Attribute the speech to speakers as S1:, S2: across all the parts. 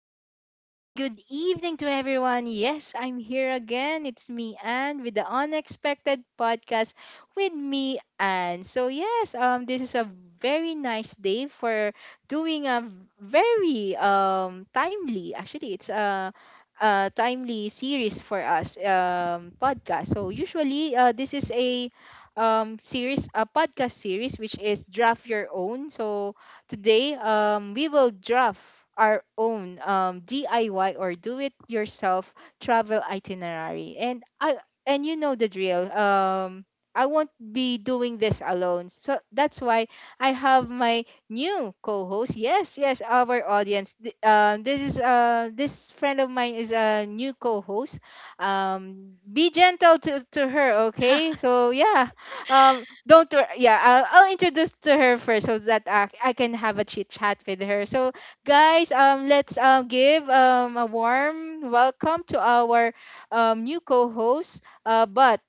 S1: afternoon, and good evening to everyone. Yes, I'm here again. It's me, Anne, with the Unexpected Podcast with me, Anne. So, yes, this is a very nice day for doing a very timely, actually, it's a timely series for us, podcast. So, usually, this is a series, a podcast series, which is Draft Your Own. So, today, we will draft our own DIY or do it yourself travel itinerary. And you know the drill. I won't be doing this alone. So that's why I have my new co-host. Yes, yes, our audience. This is this friend of mine is a new co-host. Be gentle to her, okay? So yeah, don't worry. Yeah, I'll introduce to her first so that I can have a chit chat with her. So, guys, let's give a warm welcome to our new co-host. Uh, but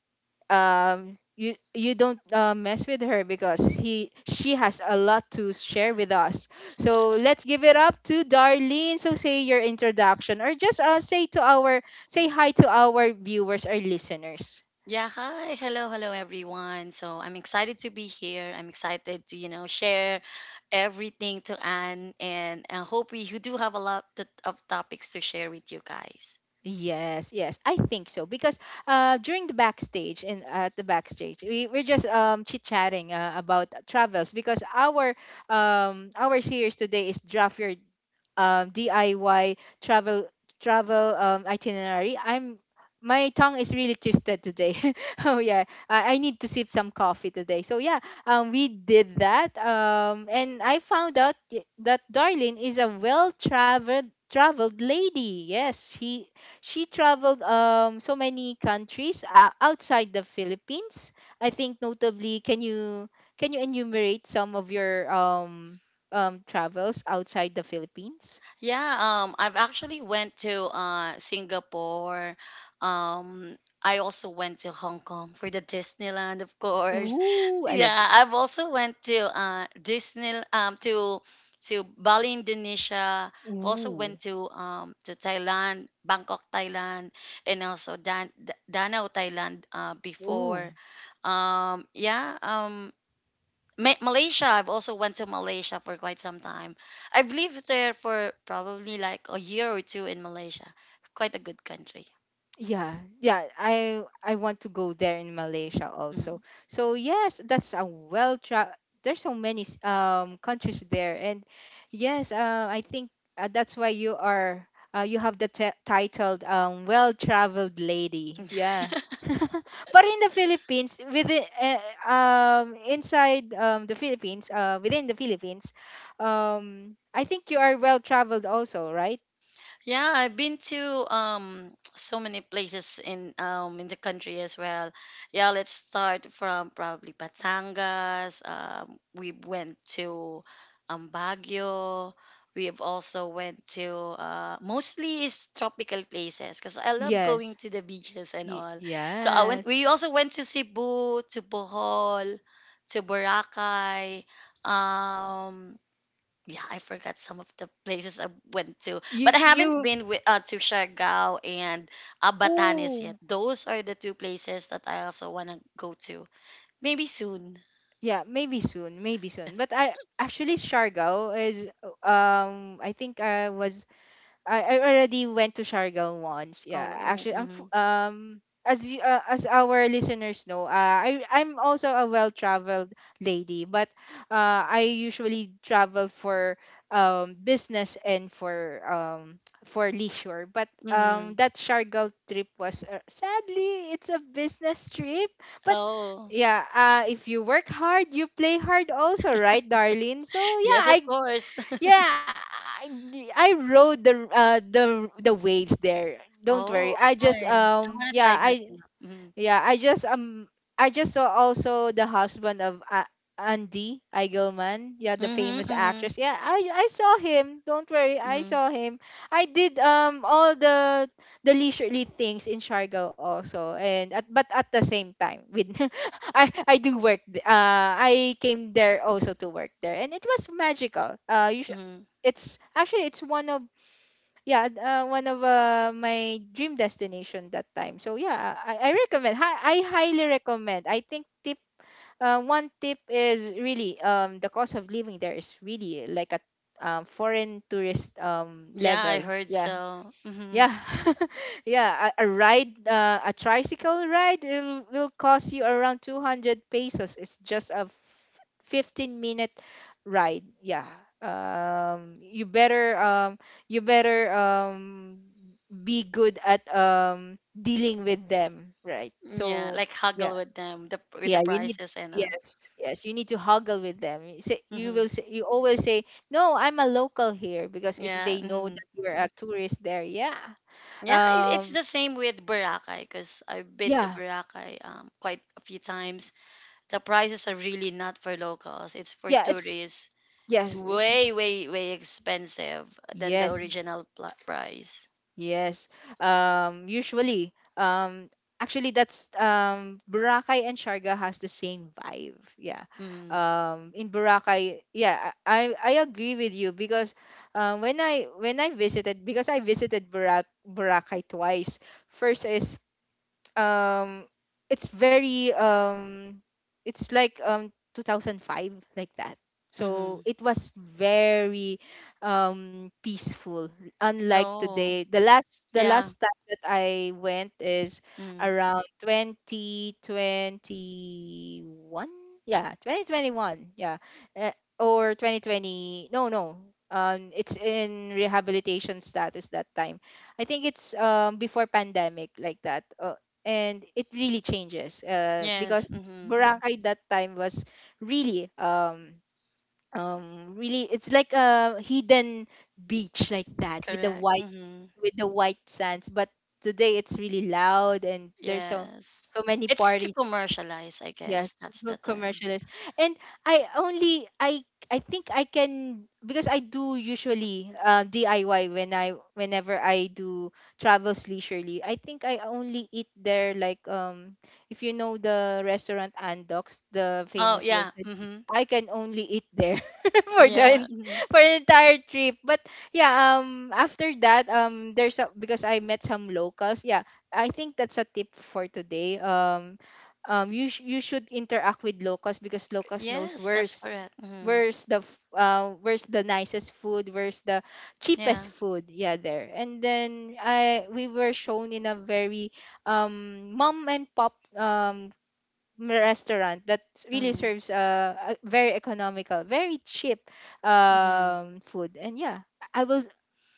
S1: um, you don't mess with her because he she has a lot to share with us. So let's give it up to Darlene. So say your introduction or just say to our say hi to our viewers or listeners.
S2: Yeah, hi. Hello, hello everyone. So I'm excited to be here. I'm excited to, share everything to Anne, and I hope we do have of topics to share with you guys.
S1: Yes, yes, I think so because during the backstage and at the backstage, we're just chit chatting about travels because our series today is draft your DIY travel itinerary. I'm my tongue is really twisted today. Oh yeah, I need to sip some coffee today. So yeah, we did that. And I found out that Darlene is a well-traveled traveled lady. Yes, she traveled so many countries outside the Philippines. I think notably, can you enumerate some of your travels outside the Philippines.
S2: Yeah, I've actually went to Singapore. Um, I also went to Hong Kong for the Disneyland, of course.
S1: Ooh, I
S2: Yeah,
S1: love this.
S2: I've also went to Disney to Bali, Indonesia. I've also
S1: Ooh,
S2: went to Thailand, Bangkok, Thailand, and also Danau, Thailand
S1: ooh.
S2: before. Um, yeah, um Malaysia. I've also went to Malaysia for quite some time. I've lived there for probably like a year or two in Malaysia. Quite a good country.
S1: Yeah, yeah, I want to go there in Malaysia
S2: Hmm
S1: also. So yes, that's a there's so many countries there and yes, I think that's why you are you have the titled well-traveled lady. Yeah. But in the Philippines within inside the Philippines within the Philippines I think you are well-traveled also, right?
S2: Yeah, I've been to so many places in in the country as well. Yeah, let's start from probably Batangas. We went to Baguio. We have also went to mostly is tropical places because I love going
S1: Yes.
S2: to the beaches and all. So I went.
S1: Yes.
S2: We also went to Cebu, to Bohol, to Boracay. Um, yeah, I forgot some of the places I went to,
S1: You
S2: but I haven't
S1: you
S2: been with, to Siargao and Batanes yet.
S1: oh
S2: Those are the two places that I also want to go to. Maybe soon.
S1: yeah, maybe soon, maybe soon. But I actually Siargao is I think I was I already went to Siargao once. Yeah,
S2: Oh,
S1: actually,
S2: mm-hmm.
S1: as you, as our listeners know, I'm also a well-traveled lady, but I usually travel for business and for leisure. But
S2: Mm-hmm.
S1: that Siargao trip was sadly it's a business trip, but
S2: Oh,
S1: yeah, if you work hard, you play hard also, right, darling? So yeah,
S2: yes, of course.
S1: yeah, I, I rode the the waves there. Don't worry.
S2: Oh,
S1: I just
S2: nice. I want to
S1: yeah,
S2: try that
S1: I
S2: too. Mm-hmm.
S1: yeah, I just I just saw also the husband of Andy Eigelman, yeah, the
S2: Mm-hmm.
S1: famous
S2: Mm-hmm.
S1: actress. Yeah, I saw him. Don't worry, I
S2: Mm-hmm.
S1: saw him. I did all the leisurely things in Siargao also, and at but at the same time with I do work. I came there also to work there, and it was magical.
S2: Mm-hmm.
S1: It's actually it's one of yeah, and, one of my dream destination that time. So yeah, I recommend. I highly recommend. I think tip one tip is really the cost of living there is really like a foreign tourist
S2: Yeah, I
S1: level.
S2: heard
S1: Yeah,
S2: so. Mm-hmm.
S1: yeah, yeah. A tricycle ride, will cost you around 200 pesos. It's just a 15 minute ride. Yeah. Um, you better um, you better be good at dealing with them, right?
S2: Yeah,
S1: So
S2: like haggle
S1: yeah,
S2: with them with the
S1: yeah. You need
S2: prices and all.
S1: yes, yes. You need to haggle with them. You say you
S2: Mm-hmm.
S1: will say you always say no. I'm a local here because if
S2: Yeah.
S1: they know
S2: Mm-hmm.
S1: that you're a tourist there, yeah
S2: Yeah, it's
S1: um
S2: the same with Boracay because I've been to
S1: yeah
S2: Boracay quite a few times. The prices are really not for locals, it's for
S1: yeah
S2: tourists. It's
S1: it's
S2: way, way, way expensive than the
S1: yes
S2: price.
S1: yes usually actually that's Boracay and Sharga has the same vibe yeah
S2: Mm,
S1: in Boracay yeah I agree with you because when I visited because I visited Boracay twice first is um it's very it's like 2005 like that
S2: mm-hmm.
S1: so it was very peaceful unlike
S2: Oh,
S1: today the last the
S2: yeah.
S1: last time that I went is
S2: Mm,
S1: around 2021 yeah 2021 yeah uh, or 2020 no no it's in rehabilitation status that time. I think it's before pandemic like that. And it really changes
S2: yes,
S1: because
S2: mm-hmm.
S1: Boracay that time was really really it's like a hidden beach like that
S2: Correct. Mm-hmm.
S1: with the white sands, but today it's really loud and there's so
S2: Yes.
S1: so many
S2: It's to
S1: parties.
S2: commercialize, I
S1: Yes,
S2: guess. That's
S1: to
S2: the term.
S1: commercialize. And I think I can because I do usually DIY when I whenever I do travels leisurely. I think I only eat there like if you know the restaurant Andox, the
S2: Oh,
S1: famous
S2: yeah.
S1: roasted chicken,
S2: Mm-hmm.
S1: I can only eat there for the
S2: Yeah.
S1: en-
S2: Mm-hmm.
S1: for the entire trip. But yeah, after that there's a because I met some locals. Yeah, I think that's a tip for today. You you should interact with locals because locals knows
S2: Yes, that's
S1: where's
S2: correct. Mm-hmm.
S1: where's the nicest food where's the cheapest
S2: Yeah.
S1: food yeah there, and then I we were shown in a very mom and pop restaurant that really
S2: Mm.
S1: serves a very economical very cheap
S2: Mm-hmm.
S1: food. And yeah, i I will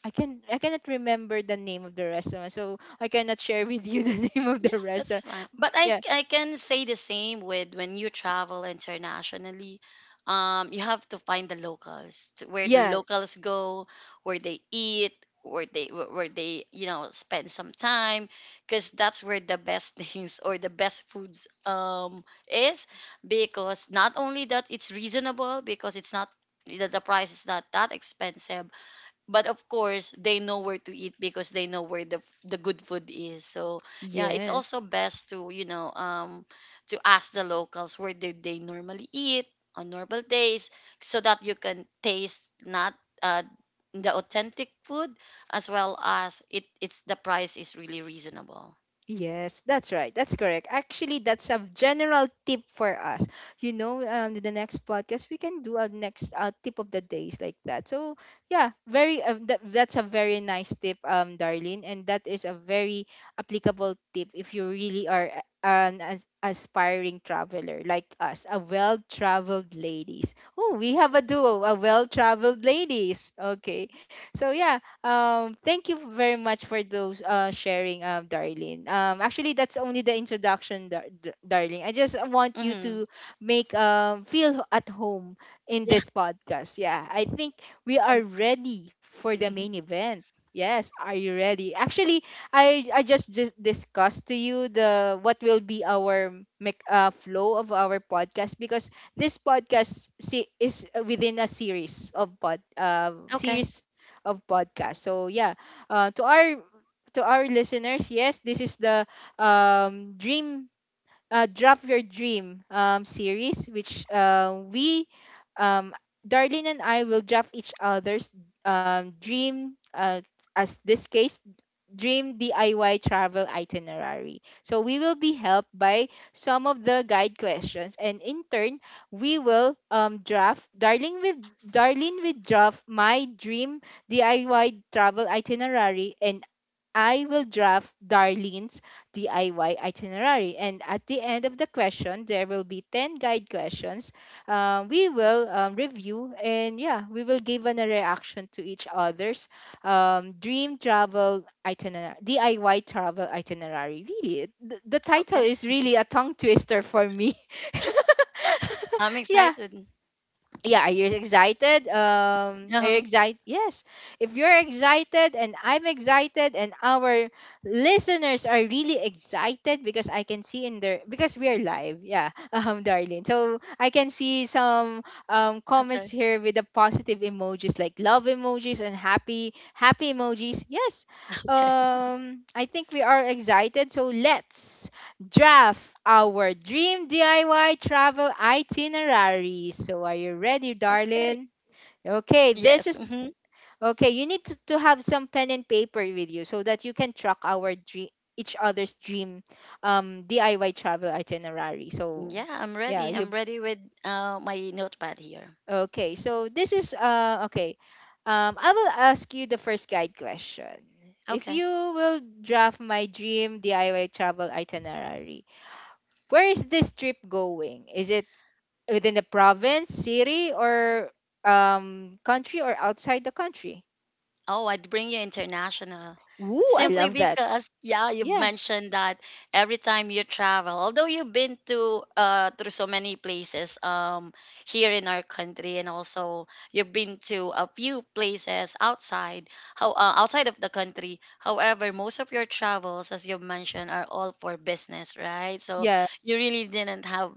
S1: I cannot remember the name of the restaurant, so I cannot share with you the name of
S2: Yeah,
S1: the restaurant.
S2: that's fine. But I
S1: Yeah,
S2: I can say the same with when you travel internationally. You have to find the locals, to where the
S1: yeah.
S2: locals go, where they eat, where they, you know, spend some time, because that's where the best things or the best foods is. Because not only that it's reasonable, because it's not the price is not that expensive, but of course they know where to eat because they know where the good food is, so yeah, it's
S1: Yes.
S2: also best to, you know, to ask the locals where do they normally eat on normal days, so that you can taste not uh the authentic food, as well as it's the price is really reasonable.
S1: Yes, that's right. That's correct. Actually, that's a general tip for us. You know, the next podcast we can do a next tip of the days like that. So yeah, very that's a very nice tip, Darlene, and that is a very
S2: Mm-hmm.
S1: applicable tip if you really are aspiring traveler like us, a well-traveled ladies. Oh, we have a duo, a well-traveled ladies. Okay, so yeah, thank you very much for those sharing, Darlene. Actually, that's only the introduction, Darling. I just want you
S2: Mm-hmm.
S1: to make feel at home in
S2: Yeah.
S1: this podcast. Yeah, I think we are ready for the main event. Yes, are you ready? Actually, I just discussed to you the what will be our flow of our podcast because this is within a series of pod
S2: Okay.
S1: series of podcast. So yeah, uh, to our to our listeners, yes, this is the dream drop your dream series, which we um, Darlene and I will draft each other's dream. As this case, Dream DIY travel itinerary. So we will be helped by some of the guide questions, and in turn, we will draft Darling with Darlene will draft my dream DIY travel itinerary, and I will draft Darlene's DIY itinerary. And at the end of the question, there will be 10 guide questions. We will review, and yeah, we will give a reaction to each other's dream travel itinerary, DIY travel itinerary. Really,
S2: Okay,
S1: the title is really a tongue twister for me.
S2: I'm excited.
S1: yeah, yeah, are you excited
S2: uh
S1: are you excited, yes? If you're excited and I'm excited, and our listeners are really excited because I can see in their because we are live, yeah darling,
S2: okay.
S1: so I can see some comments here with the positive emojis like love emojis and happy
S2: Okay.
S1: happy emojis, yes. I think we are excited, so let's draft our dream DIY travel itinerary. So are you
S2: Okay.
S1: ready, darling?
S2: Yes.
S1: Okay,
S2: Hmm.
S1: this is okay. You need to have some pen and paper with you so that you can track our dream, each other's dream DIY travel itinerary.
S2: Yeah,
S1: So
S2: I'm ready.
S1: yeah,
S2: I'm
S1: you
S2: ready with my notepad here.
S1: okay. So this is okay. I will ask you the first guide question. If
S2: Okay.
S1: you will draft my dream DIY travel itinerary, where is this trip going? Is it within the province, city, or country, or outside the country.
S2: Oh, I'd bring you international.
S1: Ooh, I
S2: Simply
S1: love that.
S2: because, yeah, you
S1: Yeah,
S2: mentioned that every time you travel, although you've been to through so many places here in our country, and also you've been to a few places outside, how outside of the country. However, most of your travels, as you've mentioned, are all for business, right? So
S1: yeah,
S2: you really didn't have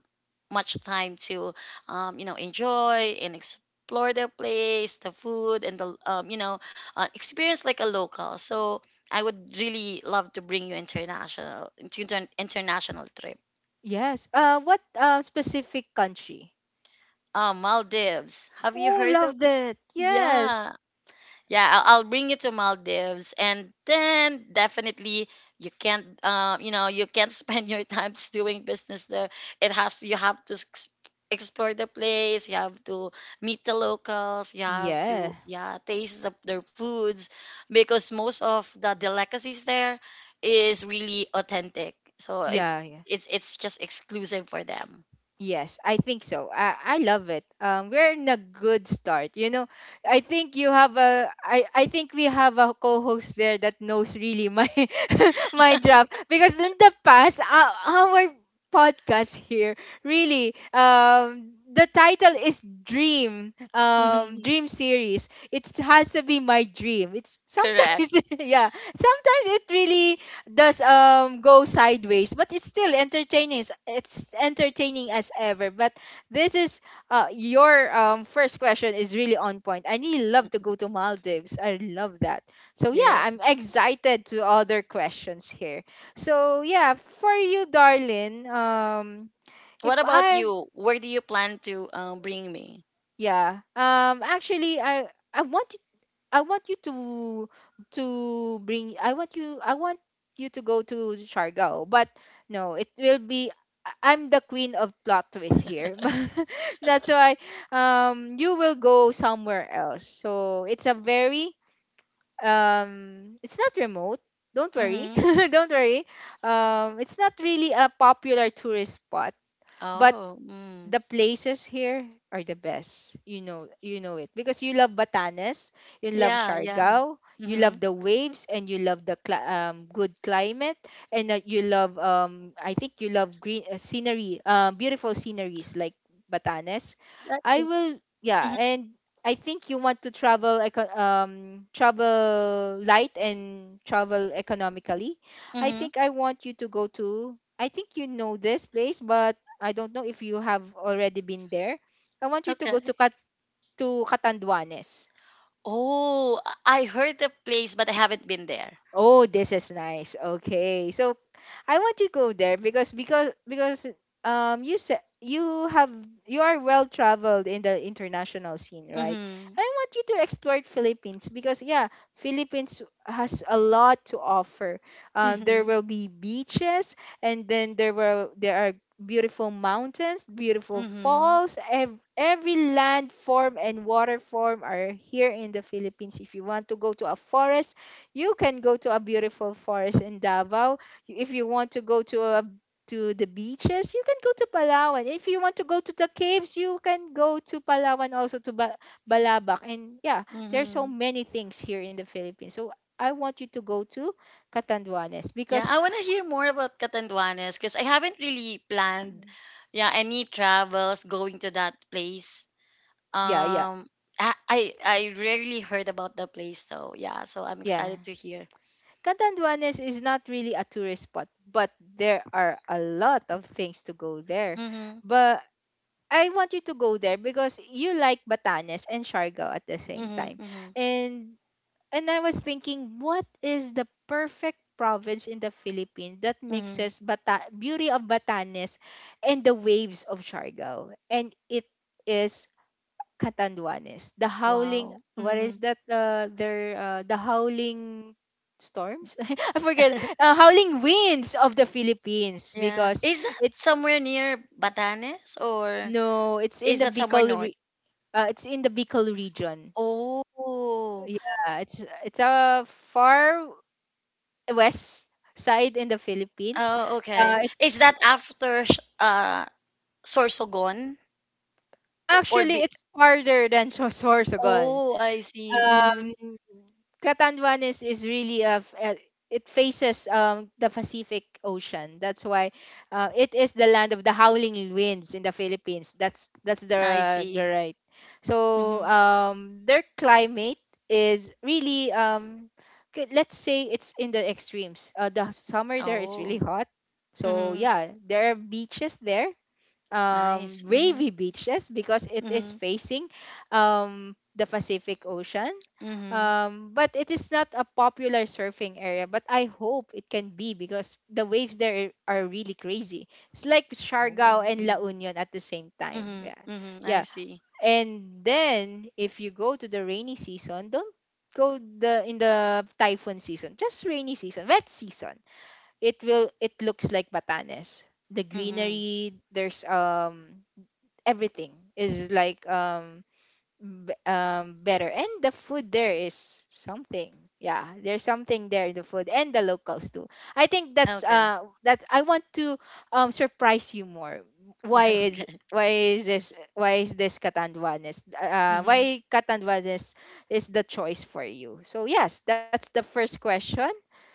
S2: much time to you know, enjoy and explore the place, the food, and the, experience like a local. So I would really love to bring you international to an international trip.
S1: yes. What specific country?
S2: Maldives. Have you
S1: Ooh,
S2: heard of?
S1: love that. Yes.
S2: Yeah, yeah, I'll bring you to Maldives, and then definitely you can't, you know, you can't spend your times doing business there. It has You have to explore the place, you have to meet the locals, you have
S1: Yeah,
S2: to, yeah, taste their foods, because most of the delicacies there is really authentic, so
S1: yeah, yeah.
S2: it's just exclusive for them.
S1: Yes, I think so. I love it. We're in a good start. I think you have a I think we have a co-host there that knows really my my draft because in the past our podcast here really the title is
S2: Mhm.
S1: dream series. It has to be my dream. It's
S2: Correct.
S1: sometimes yeah, sometimes it really does go sideways, but it's still entertaining. It's entertaining as ever. But this is your first question is really on point. I really love to go to Maldives, I love that. So yeah, I'm
S2: Yes.
S1: excited to other questions here. So yeah, for you, darlin,
S2: What
S1: if
S2: about
S1: I
S2: you? Where do you plan to bring me?
S1: yeah, actually I want I want you to bring I want you to go to Chargao, but no, it will be I'm the queen of plot twists here. That's why you will go somewhere else. So it's a very it's not remote, don't worry.
S2: Mm-hmm.
S1: Don't worry, it's not really a popular tourist spot, but
S2: Oh, mm.
S1: the places here are the best. You know it because you love Batanes, you love
S2: Yeah, yeah.
S1: Siargao, you
S2: Mm-hmm.
S1: love the waves, and you love the good climate, and you love I think you love green scenery, beautiful sceneries like Batanes.
S2: That's
S1: I
S2: it.
S1: will, yeah,
S2: Mm-hmm.
S1: and I think you want to travel travel light and travel economically. I
S2: Mm-hmm.
S1: think I want you to go to. I think you know this place, but I don't know if you have already been there. I want you to go to
S2: Okay.
S1: To Catanduanes.
S2: Oh, I heard the place, but I haven't been there.
S1: Oh, this is nice. Okay. So I want to go there because because you said you have you are well traveled in the international scene, right?
S2: Mm-hmm.
S1: I want you to explore Philippines because yeah, Philippines has a lot to offer.
S2: Mm-hmm.
S1: There will be beaches, and then there are beautiful mountains, beautiful
S2: Mm-hmm.
S1: falls, every land form and water form are here in the Philippines. If you want to go to a forest, you can go to a beautiful forest in Davao. If you want to go to a to the beaches, you can go to Palawan. If you want to go to the caves, you can go to Palawan also to Balabac. And yeah, there are so
S2: Mm-hmm.
S1: many things here in the Philippines. So I want you to go to Catanduanes
S2: Yeah,
S1: because
S2: I want to hear more about Catanduanes, because I haven't really planned, yeah, any travels going to that place.
S1: yeah, yeah,
S2: Um, I I, I rarely heard about the place though. Yeah, so I'm
S1: yeah.
S2: excited to hear.
S1: Catanduanes is not really a tourist spot, but there are a lot of things to go there.
S2: Mm-hmm.
S1: But I want you to go there because you like Batanes and Siargao at the same time.
S2: Mm-hmm. Mm-hmm.
S1: And and I was thinking, what is the perfect province in the Philippines that
S2: Mm-hmm.
S1: mixes beauty of Batanes and the waves of Siargao? And it is Catanduanes, the howling.
S2: Wow.
S1: What is
S2: Mm-hmm.
S1: that? Their the howling storms. I forget. Howling winds of the Philippines
S2: Yeah.
S1: because
S2: Is that
S1: it
S2: somewhere near Batanes, or
S1: no, it's in
S2: is
S1: the
S2: that somewhere
S1: Bicol.
S2: north?
S1: It's in the Bicol region.
S2: Oh.
S1: Yeah, it's a far west side in the Philippines.
S2: Oh,
S1: Uh,
S2: okay.
S1: it,
S2: Is that after Sorsogon? O- or
S1: actually,
S2: be
S1: it's farther than Sorsogon.
S2: Oh, I see. Mhm.
S1: Um, Catanduanes is really a it faces the Pacific Ocean. That's why it is the land of the howling winds in the Philippines. That's
S2: I
S1: the
S2: see.
S1: right. So
S2: Mhm.
S1: their climate is really let's say it's in the extremes. The summer there is really
S2: Oh.
S1: hot. So
S2: Mhm.
S1: yeah, there are beaches there,
S2: Nice. Mhm.
S1: wavy beaches because it is
S2: Mhm.
S1: facing the Pacific Ocean.
S2: Mhm.
S1: But it is not a popular surfing area, but I hope it can be because the waves there are really crazy. It's like
S2: Oh.
S1: Siargao
S2: Mhm.
S1: and La Union at the same time.
S2: Mhm.
S1: Yeah.
S2: Mhm. I
S1: Yeah.
S2: see.
S1: And then if you go to the rainy season, don't go the in the typhoon season, just rainy season, wet season. It will it looks like Batanes. The
S2: Mhm.
S1: greenery there's everything is like better, and the food there is something. Yeah, there's something there in the food and the locals too. I think
S2: Okay.
S1: that's I want to surprise you more. why is
S2: Okay.
S1: why is this why is this Catanduanes,
S2: Mhm.
S1: why Catanduanes is the choice for you? So yes, that's the first question.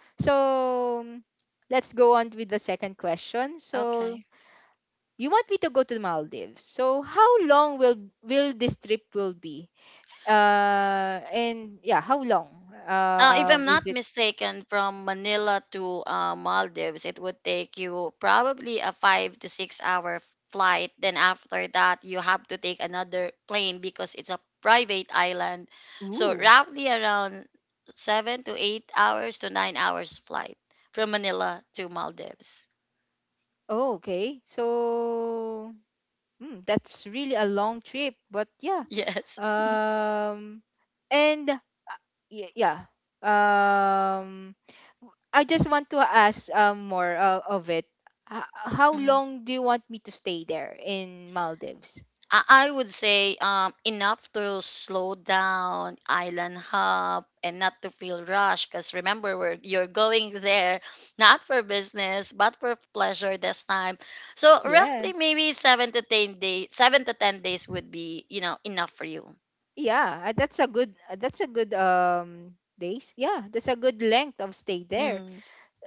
S1: So let's go on with the second question. So
S2: Okay.
S1: you want me to go to the Maldives. So how long will this trip will be? And yeah, how long?
S2: If I'm
S1: Is it?
S2: not mistaken, from Manila to Maldives, it would take you probably a 5 to 6 hour flight. Then after that, you have to take another plane because it's a private island. So
S1: Ooh,
S2: roughly around 7 to 8 hours to 9 hours flight from Manila to Maldives.
S1: oh, okay. So hmm, that's really a long trip, but yeah.
S2: Yes.
S1: Um, and yeah. Um, I just want to ask more of it. How long do you want me to stay there in Maldives?
S2: I would say enough to slow down, island hop, and not to feel rushed. Because remember, you're going there not for business, but for pleasure this time. So
S1: Yeah.
S2: roughly maybe 7 to 10 days, 7 to 10 days would be, you know, enough for you.
S1: Yeah, that's a good days. Yeah, that's a good length of stay there.
S2: Hmm.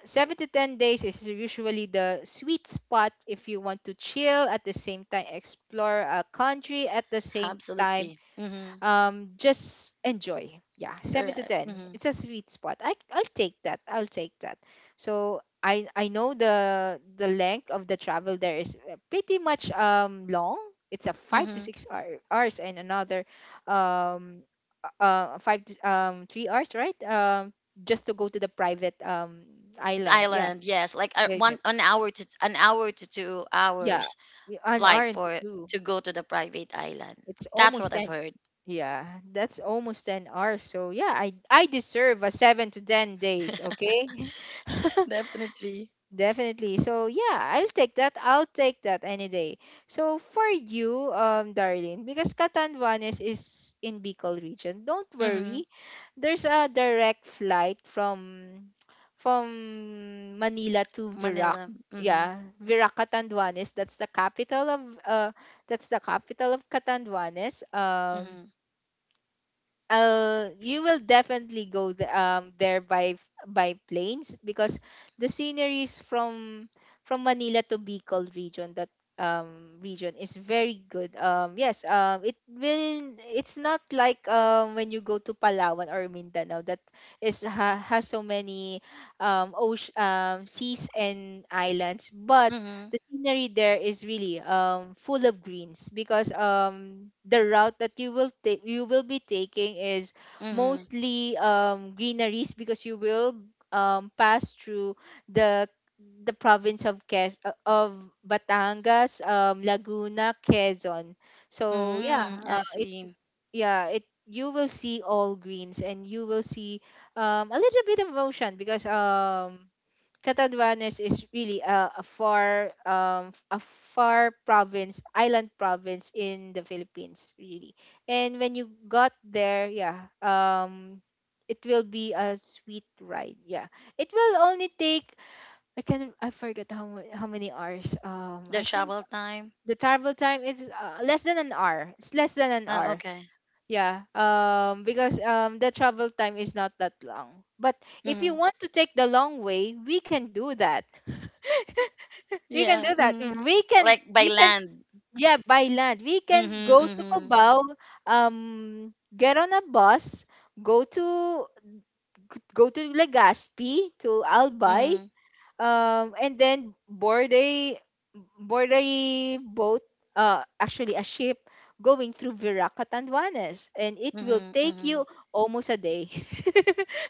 S1: 7 to 10 days is usually the sweet spot if you want to chill at the same time, explore a country at the same time,
S2: Absolutely. Hmm.
S1: just enjoy. Yeah, 7 to
S2: Correct.
S1: 10,
S2: Hmm.
S1: it's a sweet spot. I'll take that, I'll take that. So I know the length of the travel there is pretty much long. It's a 5 to
S2: Hmm.
S1: 6 hours, and another um 5 to, 3 hours, right? Um, just to go to the private island. Yeah,
S2: Island, yes, like,
S1: there's a,
S2: one an hour to two
S1: yeah,
S2: hours
S1: an hour
S2: flight
S1: into
S2: for
S1: two.
S2: to go to the private island.
S1: It's
S2: That's
S1: almost
S2: what I've
S1: 10.
S2: heard.
S1: Yeah, that's almost 10 hours. So yeah, I deserve a 7 to 10 days, okay?
S2: Definitely.
S1: Definitely. So yeah, I'll take that. I'll take that any day. So for you, Darlene, because Catanduanes is in Bicol region, don't
S2: Mm-hmm.
S1: worry. There's a direct flight from Manila to Virac.
S2: Manila. Mm-hmm.
S1: Yeah, Virac Catanduanes. That's the capital of uh, that's the capital of Catanduanes.
S2: Mm-hmm.
S1: You will definitely go there by by planes because the sceneries from Manila to Bicol region that region is very good. Um, yes, it will it's not like when you go to Palawan or Mindanao that has so many ocean seas and islands, but
S2: Mm-hmm.
S1: the scenery there is really full of greens because the route that you will be taking is
S2: Mm-hmm.
S1: mostly greeneries because you will pass through the the province of Quez of Batangas, Laguna, Quezon. So yeah,
S2: Mm-hmm. I
S1: it
S2: see.
S1: yeah, it you will see all greens, and you will see a little bit of ocean because Catanduanes is really a far province, island province in the Philippines, really. And when you got there, yeah, it will be a sweet ride. Yeah. It will only take I can I forget how how many hours. Um,
S2: The
S1: I think
S2: travel time.
S1: the travel time is less than an hour. It's less than an
S2: Oh,
S1: hour.
S2: okay.
S1: Yeah. Um, because the travel time is not that long. But if you
S2: Mm-hmm.
S1: want to take the long way, we can do that. You can
S2: Yeah.
S1: do that
S2: Mm.
S1: too. We can
S2: Like by
S1: we can
S2: land.
S1: yeah, by land. We
S2: Mm-hmm.
S1: can go to
S2: Mm-hmm.
S1: Cubao, get on a bus, go to go to Legazpi to
S2: Mm-hmm.
S1: Albay, and then board a boat, actually a ship going through Viracatanduanes, and it will
S2: Mm-hmm.
S1: take
S2: Mm-hmm.
S1: you almost a day.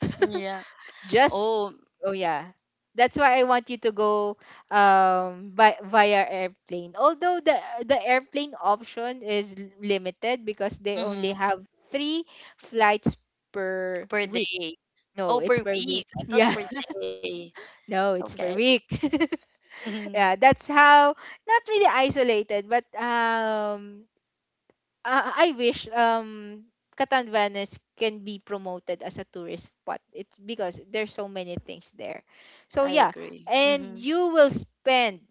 S2: Yeah.
S1: just
S2: Oh.
S1: Oh yeah. That's why I want you to go by via airplane. Although the airplane option is limited because they only
S2: Mm-hmm.
S1: have three flights per
S2: Per
S1: week.
S2: day.
S1: No,
S2: Oh,
S1: it's
S2: per
S1: per week.
S2: week. I thought
S1: Yeah.
S2: per day.
S1: No, it's
S2: Okay.
S1: per week.
S2: Mm-hmm.
S1: Yeah, that's how not really isolated, but I wish Catanduanes can be promoted as a tourist spot. It's because there's so many things there. So
S2: I
S1: yeah,
S2: agree.
S1: and
S2: Mm-hmm.
S1: you will spend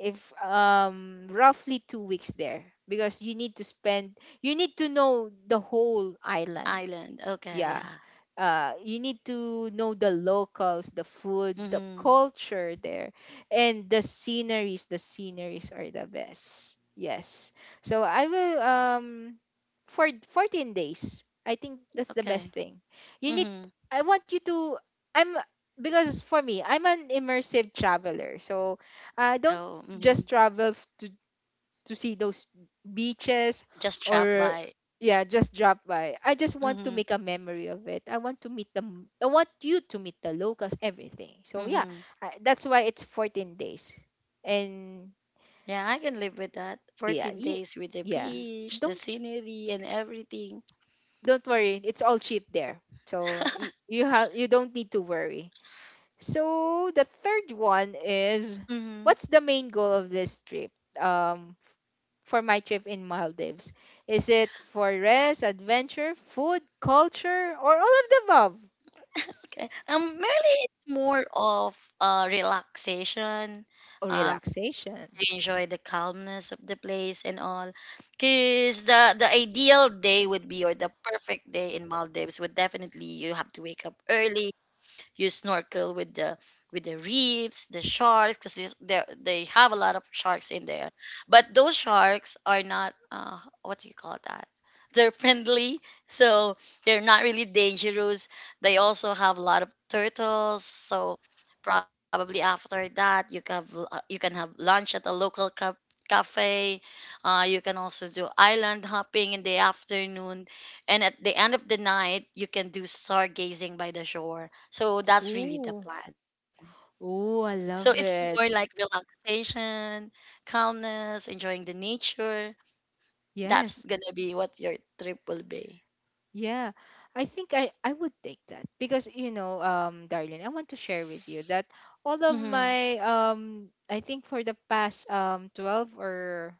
S1: if roughly 2 weeks there because you need to know the whole island.
S2: Island. Okay.
S1: Yeah,
S2: Yeah.
S1: you need to know the locals, the food, the
S2: Mm-hmm.
S1: culture there, and the sceneries. The sceneries are the best. Yes. So I will for 14 days. I think that's the
S2: Okay.
S1: best thing. You need
S2: Mm-hmm.
S1: I want you to I'm because for me, I'm an immersive traveler. So I
S2: Oh.
S1: don't
S2: Mm-hmm.
S1: just travel to see those beaches
S2: Just trapped
S1: or
S2: by.
S1: yeah, just drop by. I just want to
S2: Mm-hmm.
S1: make a memory of it. I want to meet them, I want you to meet the locals, everything. So yeah,
S2: Mm-hmm.
S1: that's why it's 14 days, and
S2: Yeah, I can live with that.
S1: yeah,
S2: 14 days with the
S1: yeah,
S2: beach, the
S1: don't
S2: scenery, and everything.
S1: don't worry, it's all cheap there. So you have you don't need to worry. So the third one is
S2: Mm-hmm.
S1: what's the main goal of this trip um for my trip in Maldives? Is it for rest, adventure, food, culture, or all of the above?
S2: Okay. Merely it's more of relaxation,
S1: Or
S2: um,
S1: relaxation?
S2: to enjoy the calmness of the place and all. Because the ideal day would be, or the perfect day in Maldives would definitely, you have to wake up early, you snorkel with the reefs, the sharks, because they have a lot of sharks in there. But those sharks are not, what do you call that? They're friendly, so they're not really dangerous. They also have a lot of turtles, so probably after that you can have lunch at a local cafe. You can also do island hopping in the afternoon, and at the end of the night you can do stargazing by the shore, so that's really the
S1: Ooh.
S2: plan.
S1: Ooh,
S2: So
S1: I
S2: it's
S1: love
S2: more like
S1: it.
S2: relaxation, calmness, enjoying the nature. That's
S1: Yes.
S2: gonna be what your trip will be.
S1: Yeah. I think I would take that because Darlene, I want to share with you that all of
S2: Mm-hmm.
S1: my I think for the past 12 or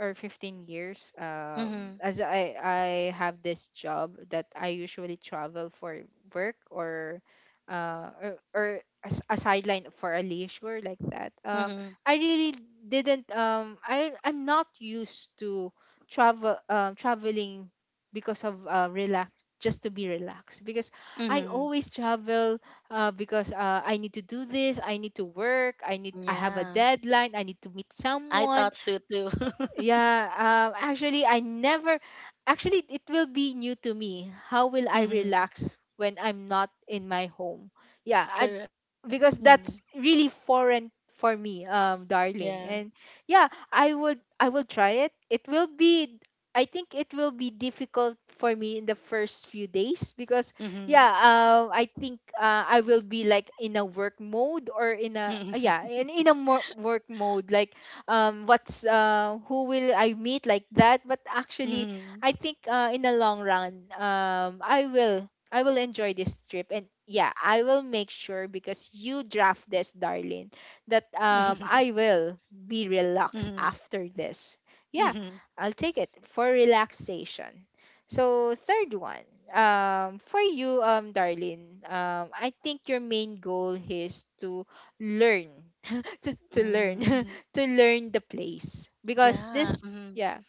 S1: 15 years,
S2: Mm-hmm.
S1: as I have this job that I usually travel for work, or uh or, or a, a sideline for a leisure like that
S2: Mm-hmm.
S1: uh, I really didn't I I'm not used to travel, traveling, because of relax, just to be relaxed, because I
S2: Mm-hmm.
S1: always travel, because I need to do this. I need to work. I need- I have a
S2: Yeah.
S1: deadline. I need to meet
S2: I thought
S1: someone.
S2: so too.
S1: Yeah, actually, I never. Actually, it will be new to me. How will I
S2: Mm-hmm.
S1: relax when I'm not in my home? Yeah,
S2: Correct. Mm-hmm.
S1: because that's really foreign for me,
S2: Yeah.
S1: darling. And yeah, I will try it. It will be- I think it will be difficult for me in the first few days, because
S2: Mm-hmm.
S1: yeah, I think I will be like in a work mode, or in a uh, yeah in, in a more work mode, like, what's who will I meet, like that. But actually
S2: Mm-hmm.
S1: I think, in the long run, I will- I will enjoy this trip. And yeah, I will make sure, because you draft this, darling, that
S2: Mm-hmm.
S1: I will be
S2: Mm-hmm.
S1: relaxed after this. Yeah,
S2: Mm-hmm.
S1: I'll take it for relaxation. So, third one, for you, darling, I think your main goal is to learn, to learn,
S2: Mm-hmm.
S1: to learn the place, because
S2: Yeah.
S1: this,
S2: Mm-hmm.
S1: yeah,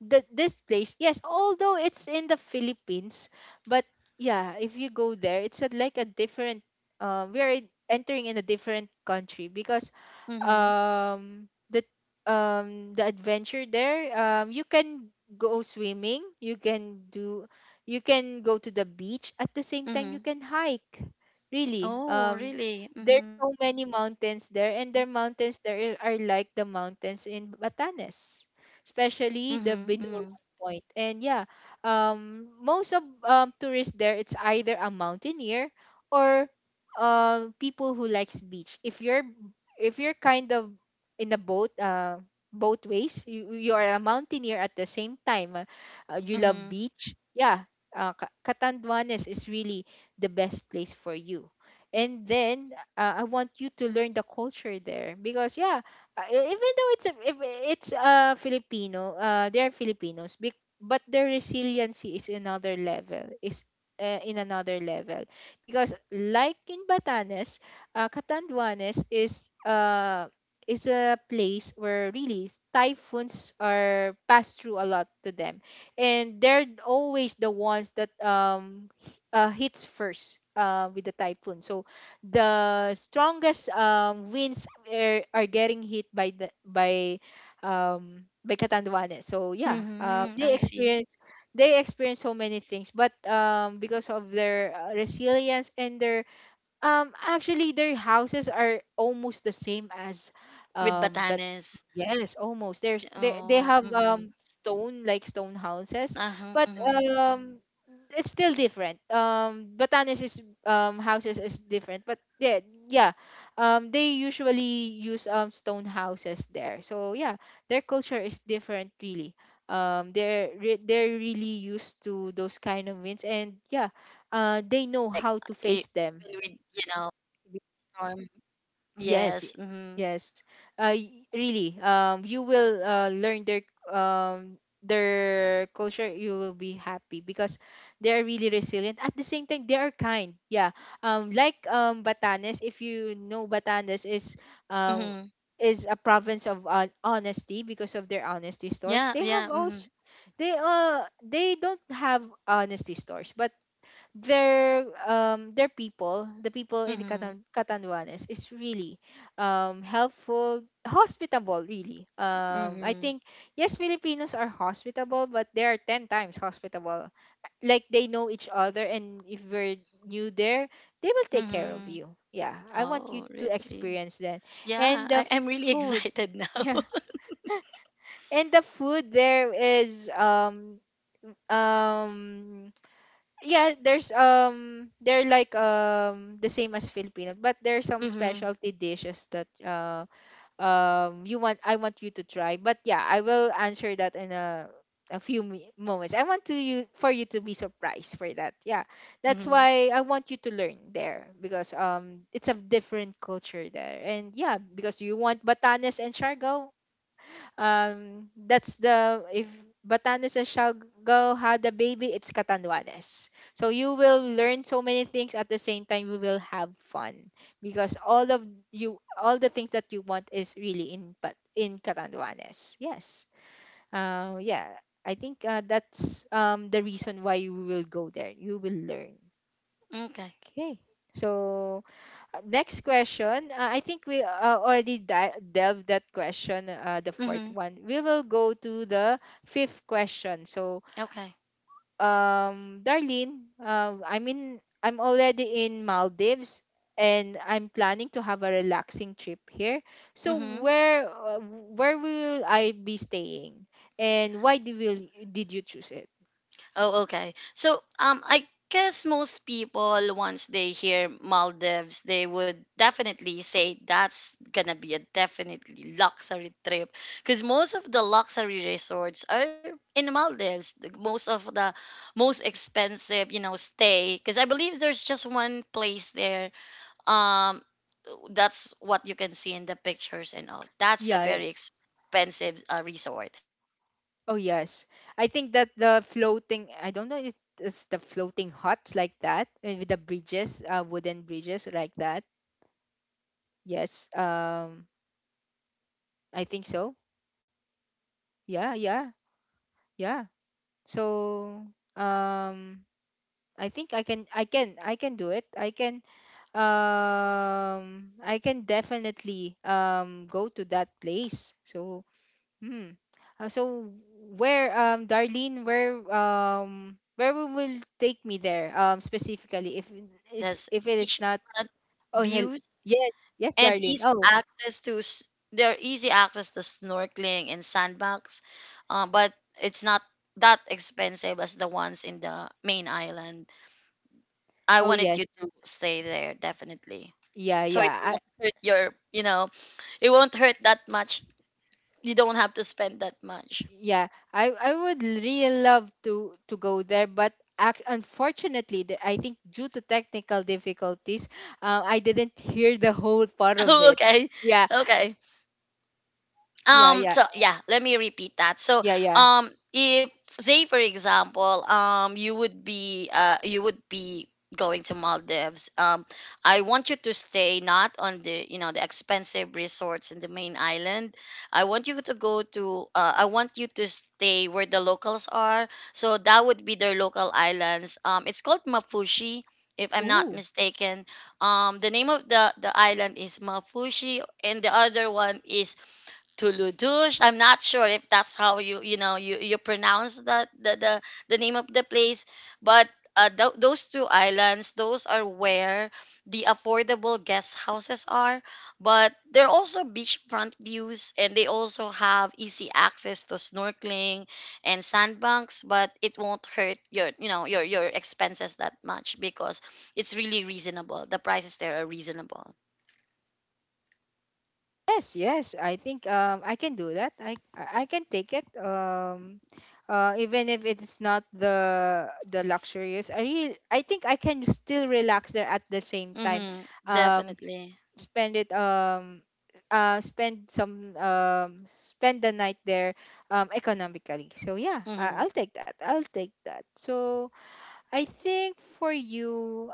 S1: the this place. Yes, although it's in the Philippines, but yeah, if you go there, it's a- like a different- we are entering in a different country, because
S2: Mm-hmm.
S1: um the the adventure there, you can go swimming, you can do- you can go to the beach. At the same time, you
S2: Mm-hmm.
S1: can hike. Really,
S2: Oh, really?
S1: there's
S2: Mm-hmm.
S1: so many mountains there, and their mountains there are like the mountains in Batanes,
S2: Mm-hmm.
S1: especially
S2: Mm-hmm.
S1: the Binurong Point. And yeah, most of tourists there, it's either a mountaineer, or people who likes beach. If you're- if you're kind of in a boat, both ways, you are a mountaineer. At the same time, you love
S2: Mm-hmm.
S1: beach. Yeah, Catanduanes is really the best place for you. And then, I want you to learn the culture there, because yeah, even though it's a- if it's Filipino- they're Filipinos, but their resiliency is another level- is in another level, because like in Batanes, Catanduanes is a place where really typhoons are passed through a lot to them, and they're always the ones that hits first, with the typhoon. So the strongest winds are, getting hit by the by Catanduanes. So yeah,
S2: Mhm,
S1: they
S2: I see.
S1: experience- they experience so many things, but because of their resilience and their, actually, their houses are almost the same as,
S2: With
S1: but
S2: Batanes.
S1: yes, almost. There's They
S2: Oh,
S1: have
S2: mhm.
S1: stone- like stone houses,
S2: Uh-huh,
S1: but
S2: mhm.
S1: it's still different. Batanes' houses is different, but yeah, yeah, they usually use stone houses there. So yeah, their culture is different, really. They're they're really used to those kind of winds, and yeah, they know
S2: Like,
S1: how to
S2: e-
S1: face them.
S2: even with, you know, severe storm.
S1: Yes,
S2: Yes.
S1: y-
S2: Mhm.
S1: yes. Really. You will, learn um their culture. You will be happy because they are really resilient. At the same time, they are kind. Yeah. Like, Batanes. If you know, Batanes um
S2: Mhm.
S1: is a province of honesty, because of their honesty stores.
S2: Yeah,
S1: They have
S2: yeah.
S1: also-
S2: Mhm.
S1: they don't have honesty stores, but their people, the people in the
S2: Mhm.
S1: Catanduanes is really helpful, hospitable, really. I
S2: Mhm.
S1: think, yes, Filipinos are hospitable, but they are 10 times hospitable. Like, they know each other, and if we're new there, they will take care of
S2: Mhm.
S1: you. Yeah, I want you
S2: Oh,
S1: to
S2: really?
S1: experience that.
S2: Yeah,
S1: And
S2: I
S1: the
S2: I'm really
S1: food,
S2: excited now.
S1: yeah. And the food there is um yeah, there's they're like the same as Filipino, but there's some
S2: Mhm.
S1: specialty dishes that you want- I want you to try, but yeah, I will answer that in a few moments. I want to you- for you to be surprised for that, yeah. That's
S2: Mhm.
S1: why I want you to learn there, because it's a different culture there. And yeah, because you want Batanes and Siargao, that's the- if Batanes shall go had the baby, it's Catanduanes. So you will learn so many things, at the same time you will have fun, because all of- you- all the things that you want is really in- but in Catanduanes. Yes, yeah, I think that's the reason why you will go there. You will learn.
S2: Okay.
S1: Okay, so next question. I think we already delved that question, the fourth
S2: Mhm.
S1: one. We will go to the fifth question. So,
S2: Okay.
S1: Darlene, I mean, I'm already in Maldives, and I'm planning to have a relaxing trip here. So,
S2: Mhm.
S1: where will I be staying, and why did will did you choose it?
S2: Oh, okay. So, I guess most people, once they hear Maldives, they would definitely say that's gonna be a definitely luxury trip, because most of the luxury resorts are in Maldives. Most of the most expensive, you know, stay, because I believe there's just one place there. Um, that's what you can see in the pictures and all. That's a
S1: Yeah, yeah.
S2: very expensive resort.
S1: Oh yes, I think that the floating- I don't know if it's the floating huts, like that, with the bridges, wooden
S2: I'm not
S1: bridges
S2: sure
S1: like
S2: if
S1: that.
S2: you're quite familiar with
S1: Yes,
S2: Maldives, but if you go there,
S1: I think
S2: to the
S1: so.
S2: local islands, like,
S1: Yeah, yeah,
S2: if I'm not
S1: yeah.
S2: mistaken, this is how they
S1: So,
S2: pronounce
S1: um, I
S2: the name
S1: think I
S2: of the
S1: can,
S2: place.
S1: I can do it.
S2: It's Ma Ma Mapushi or
S1: I can
S2: Tuludushu. If you
S1: definitely
S2: go there,
S1: go to that
S2: it's a
S1: place.
S2: local
S1: So,
S2: island in
S1: hmm.
S2: Maldives.
S1: So,
S2: Most of
S1: where,
S2: the affordable
S1: Darlene,
S2: guest
S1: where,
S2: houses,
S1: where we will take me there,
S2: those affordable guest
S1: specifically, if it
S2: houses that
S1: is-
S2: has
S1: if it is not-
S2: beachfront
S1: oh, hell
S2: views
S1: yes. Yes,
S2: and
S1: Darlene.
S2: easy
S1: Oh,
S2: access their easy access to snorkeling and sandbox, but it's not that expensive as the ones in the main island. I
S1: oh
S2: wanted you
S1: yes.
S2: to stay there definitely,
S1: yeah
S2: so it
S1: yeah I
S2: won't hurt your, you know, it won't hurt that much. You don't have to spend that much.
S1: yeah I would really love to go there, but unfortunately, the- I think due to technical difficulties, I didn't hear the whole part of it.
S2: Okay,
S1: Yeah,
S2: okay.
S1: yeah
S2: Um,
S1: yeah
S2: so yeah, let me repeat that. So
S1: yeah.
S2: if, say for example, you would be, you would be going to Maldives, I want you to stay not on the, you know, the expensive resorts in the main island. I want you to go to, I want you to stay where the locals are, so that would be their local islands. Um, it's called Mafushi, if I'm not
S1: Ooh.
S2: mistaken. Um, the name of the island is Mafushi, and the other one is Tuludush. I'm not sure if that's how you pronounce the name of the place, but those two islands, those are where the affordable guest houses are, but they're also beachfront views and they also have easy access to snorkeling and sandbanks, but it won't hurt your you know your expenses that much because it's really reasonable. The prices there are reasonable.
S1: Yes, yes. I think, I can do that. I can take it. Even if it's not the luxurious, I really- I think I can still relax there, at the same time.
S2: Mm-hmm,
S1: Um, s-
S2: definitely.
S1: Spend it. Spend some. Spend the night there, economically. So yeah,
S2: Mm-hmm.
S1: I'll take that. I'll take that. So, I think for you,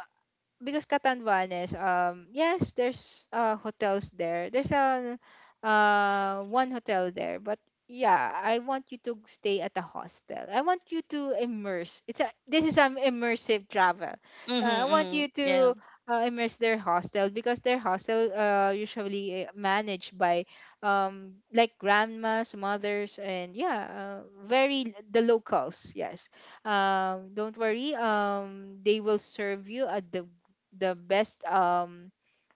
S1: because Catanduanes, yes, there's hotels there. There's a one hotel there, but yeah, I want you to stay at a hostel. I want you to immerse. It's a- this is an immersive travel.
S2: Mhm,
S1: I want you
S2: mhm.
S1: to
S2: Yeah.
S1: immerse their hostel, because their hostel usually managed by like grandmas, mothers, and yeah, very- the locals. Yes, don't worry. They will serve you at the best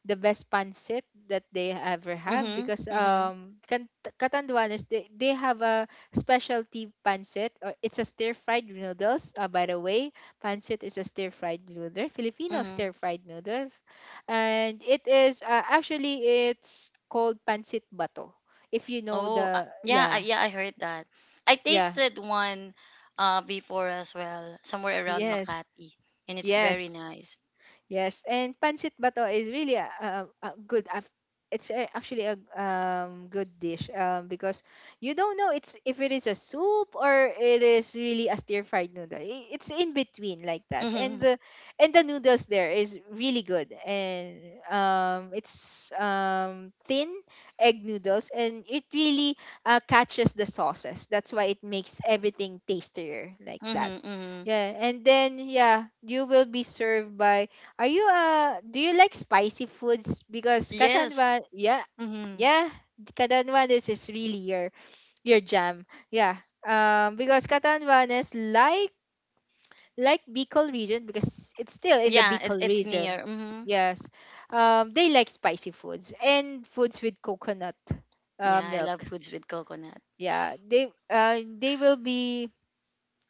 S1: the best pancit that they ever have,
S2: Mhm,
S1: because
S2: mhm,
S1: Catanduanes, they, have a specialty pancit, or it's a stir fried noodles, by the way, pancit is a stir fried noodle, Filipino stir
S2: mhm.
S1: fried noodles, and it is, actually, it's called pancit bato, if you know
S2: Oh,
S1: the-
S2: yeah,
S1: yeah,
S2: yeah, I heard that. I
S1: yeah,
S2: tasted one before as well, somewhere around
S1: yes,
S2: Makati, and it's very
S1: yes.
S2: nice.
S1: Yes, and pancit bato is really a, a good- it's actually a, good dish, because you don't know it's if it is a soup or it is really a stir fried noodle. It's in between, like that, and
S2: Mhm,
S1: the- and the noodles there is really good, and it's, thin egg noodles, and it really, catches the sauces. That's why it makes everything tastier, like that.
S2: mhm, mhm.
S1: Yeah, and then yeah, you will be served by- are you, do you like spicy foods? Because
S2: Yes.
S1: Katanwan, yeah.
S2: Mhm.
S1: Yeah, Katanwan is, really your jam. Yeah. Because Katanwan is like- like Bicol region, because it's still in the
S2: Yeah, it's
S1: Bicol
S2: it's
S1: region.
S2: near. Mhm.
S1: Yes. They like spicy foods, and foods with coconut
S2: Yeah, I
S1: milk.
S2: love foods with coconut.
S1: Yeah. They will be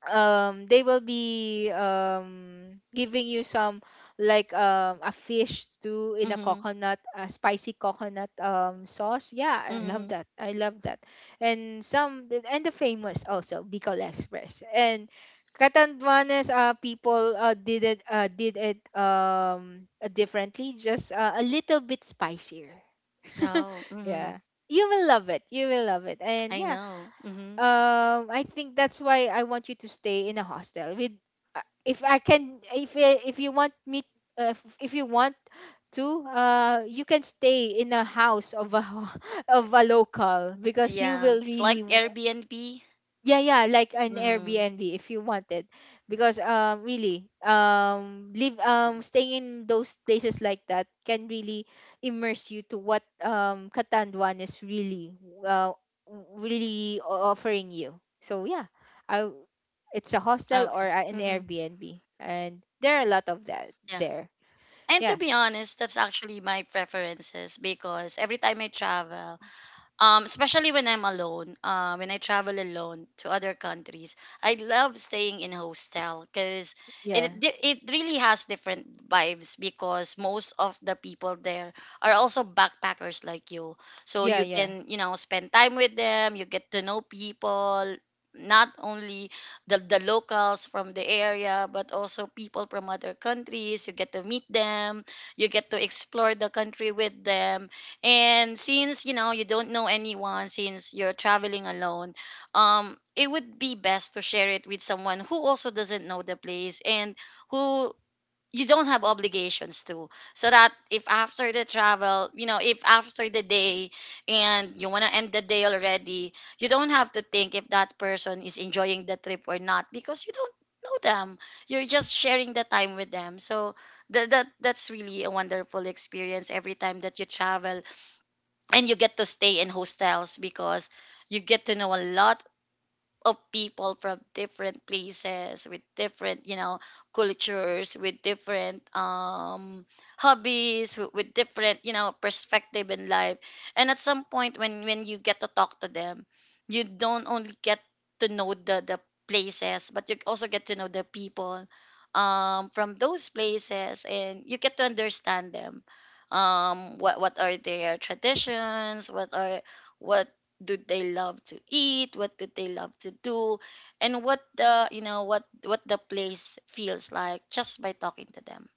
S1: giving you some a fish stew in a
S2: Mhm,
S1: coconut, a spicy coconut sauce. yeah i love
S2: mhm.
S1: that I love that. And some, and the famous also Bicol Express, and Catanduanes people did it differently, just a little bit spicier
S2: Oh, mhm.
S1: yeah, you will love it, you will love it. And
S2: I
S1: yeah,
S2: know. Mhm.
S1: I think that's why I want you to stay in a hostel with, if I can, if you want me, if you want to, you can stay in a house of a of a local, because you
S2: Yeah,
S1: will
S2: it's
S1: really...
S2: like Airbnb.
S1: Yeah, yeah, like an
S2: Mhm.
S1: Airbnb if you wanted. Because really, live staying in those places like that can really immerse you to what Katanduan is really uh, really offering you. So yeah, i w- it's a hostel or
S2: Okay.
S1: an
S2: Mhm.
S1: Airbnb, and there are a lot of that there.
S2: And to
S1: Yeah,
S2: be honest, that's actually my preferences because every time I travel, especially when I'm alone, when I travel alone to other countries, I love staying in hostel because
S1: yeah,
S2: it really has different vibes because most of the people there are also backpackers like you, so
S1: yeah,
S2: you
S1: yeah.
S2: can you know spend time with them, you get to know people, not only the locals from the area but also people from other countries. You get to meet them, you get to explore the country with them and since you know you don't know anyone, since you're traveling alone, it would be best to share it with someone who also doesn't know the place and who you don't have obligations to. So that if after the travel, you know, if after the day and you wanna end the day already, you don't have to think if that person is enjoying the trip or not because you don't know them. You're just sharing the time with them. So that's really a wonderful experience every time that you travel and you get to stay in hostels because you get to know a lot of people from different places with different you know cultures with different hobbies with different you know perspective in life and at some point when you get to talk to them you don't only get to know the places but you also get to know the people from those places and you get to understand them what are their traditions what are what do they love to eat what do they love to do and what the you know what the place feels like just by talking to them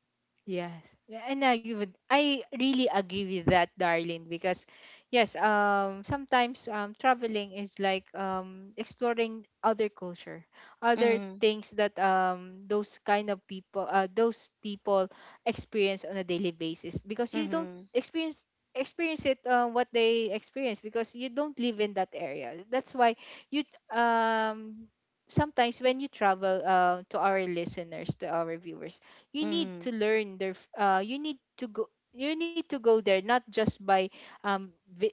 S1: Yes, yeah, and I really agree with that, Darlene. Because yes, sometimes traveling is like exploring other culture, other
S2: mhm
S1: things that those kind of people, those people experience on a daily basis. Because you don't
S2: mhm
S1: experience it, what they experience, because you don't live in that area. That's why you, um sometimes when you travel, to our listeners, to our viewers, you need
S2: mhm
S1: to learn you need to go you need to go there, not just by um vi-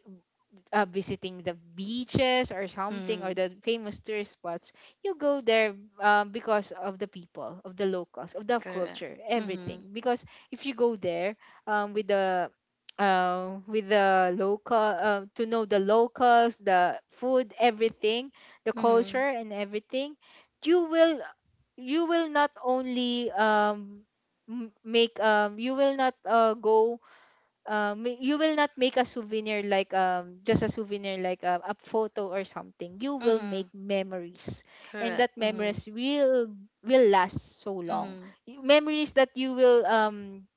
S1: visiting the beaches or something, or
S2: mhm
S1: the famous tourist spots. You go there because of the people, of the locals, of the
S2: correct
S1: culture,
S2: mhm
S1: everything. Because if you go there with the, with the local, to know the locals, the food, everything, the culture
S2: mhm
S1: and everything, you will, you will not only make, you will not you will not make a souvenir, like just a souvenir, like a photo or something. You will make
S2: mhm
S1: memories, and that
S2: correct mhm
S1: memories will last so long.
S2: mhm
S1: Memories that you will um,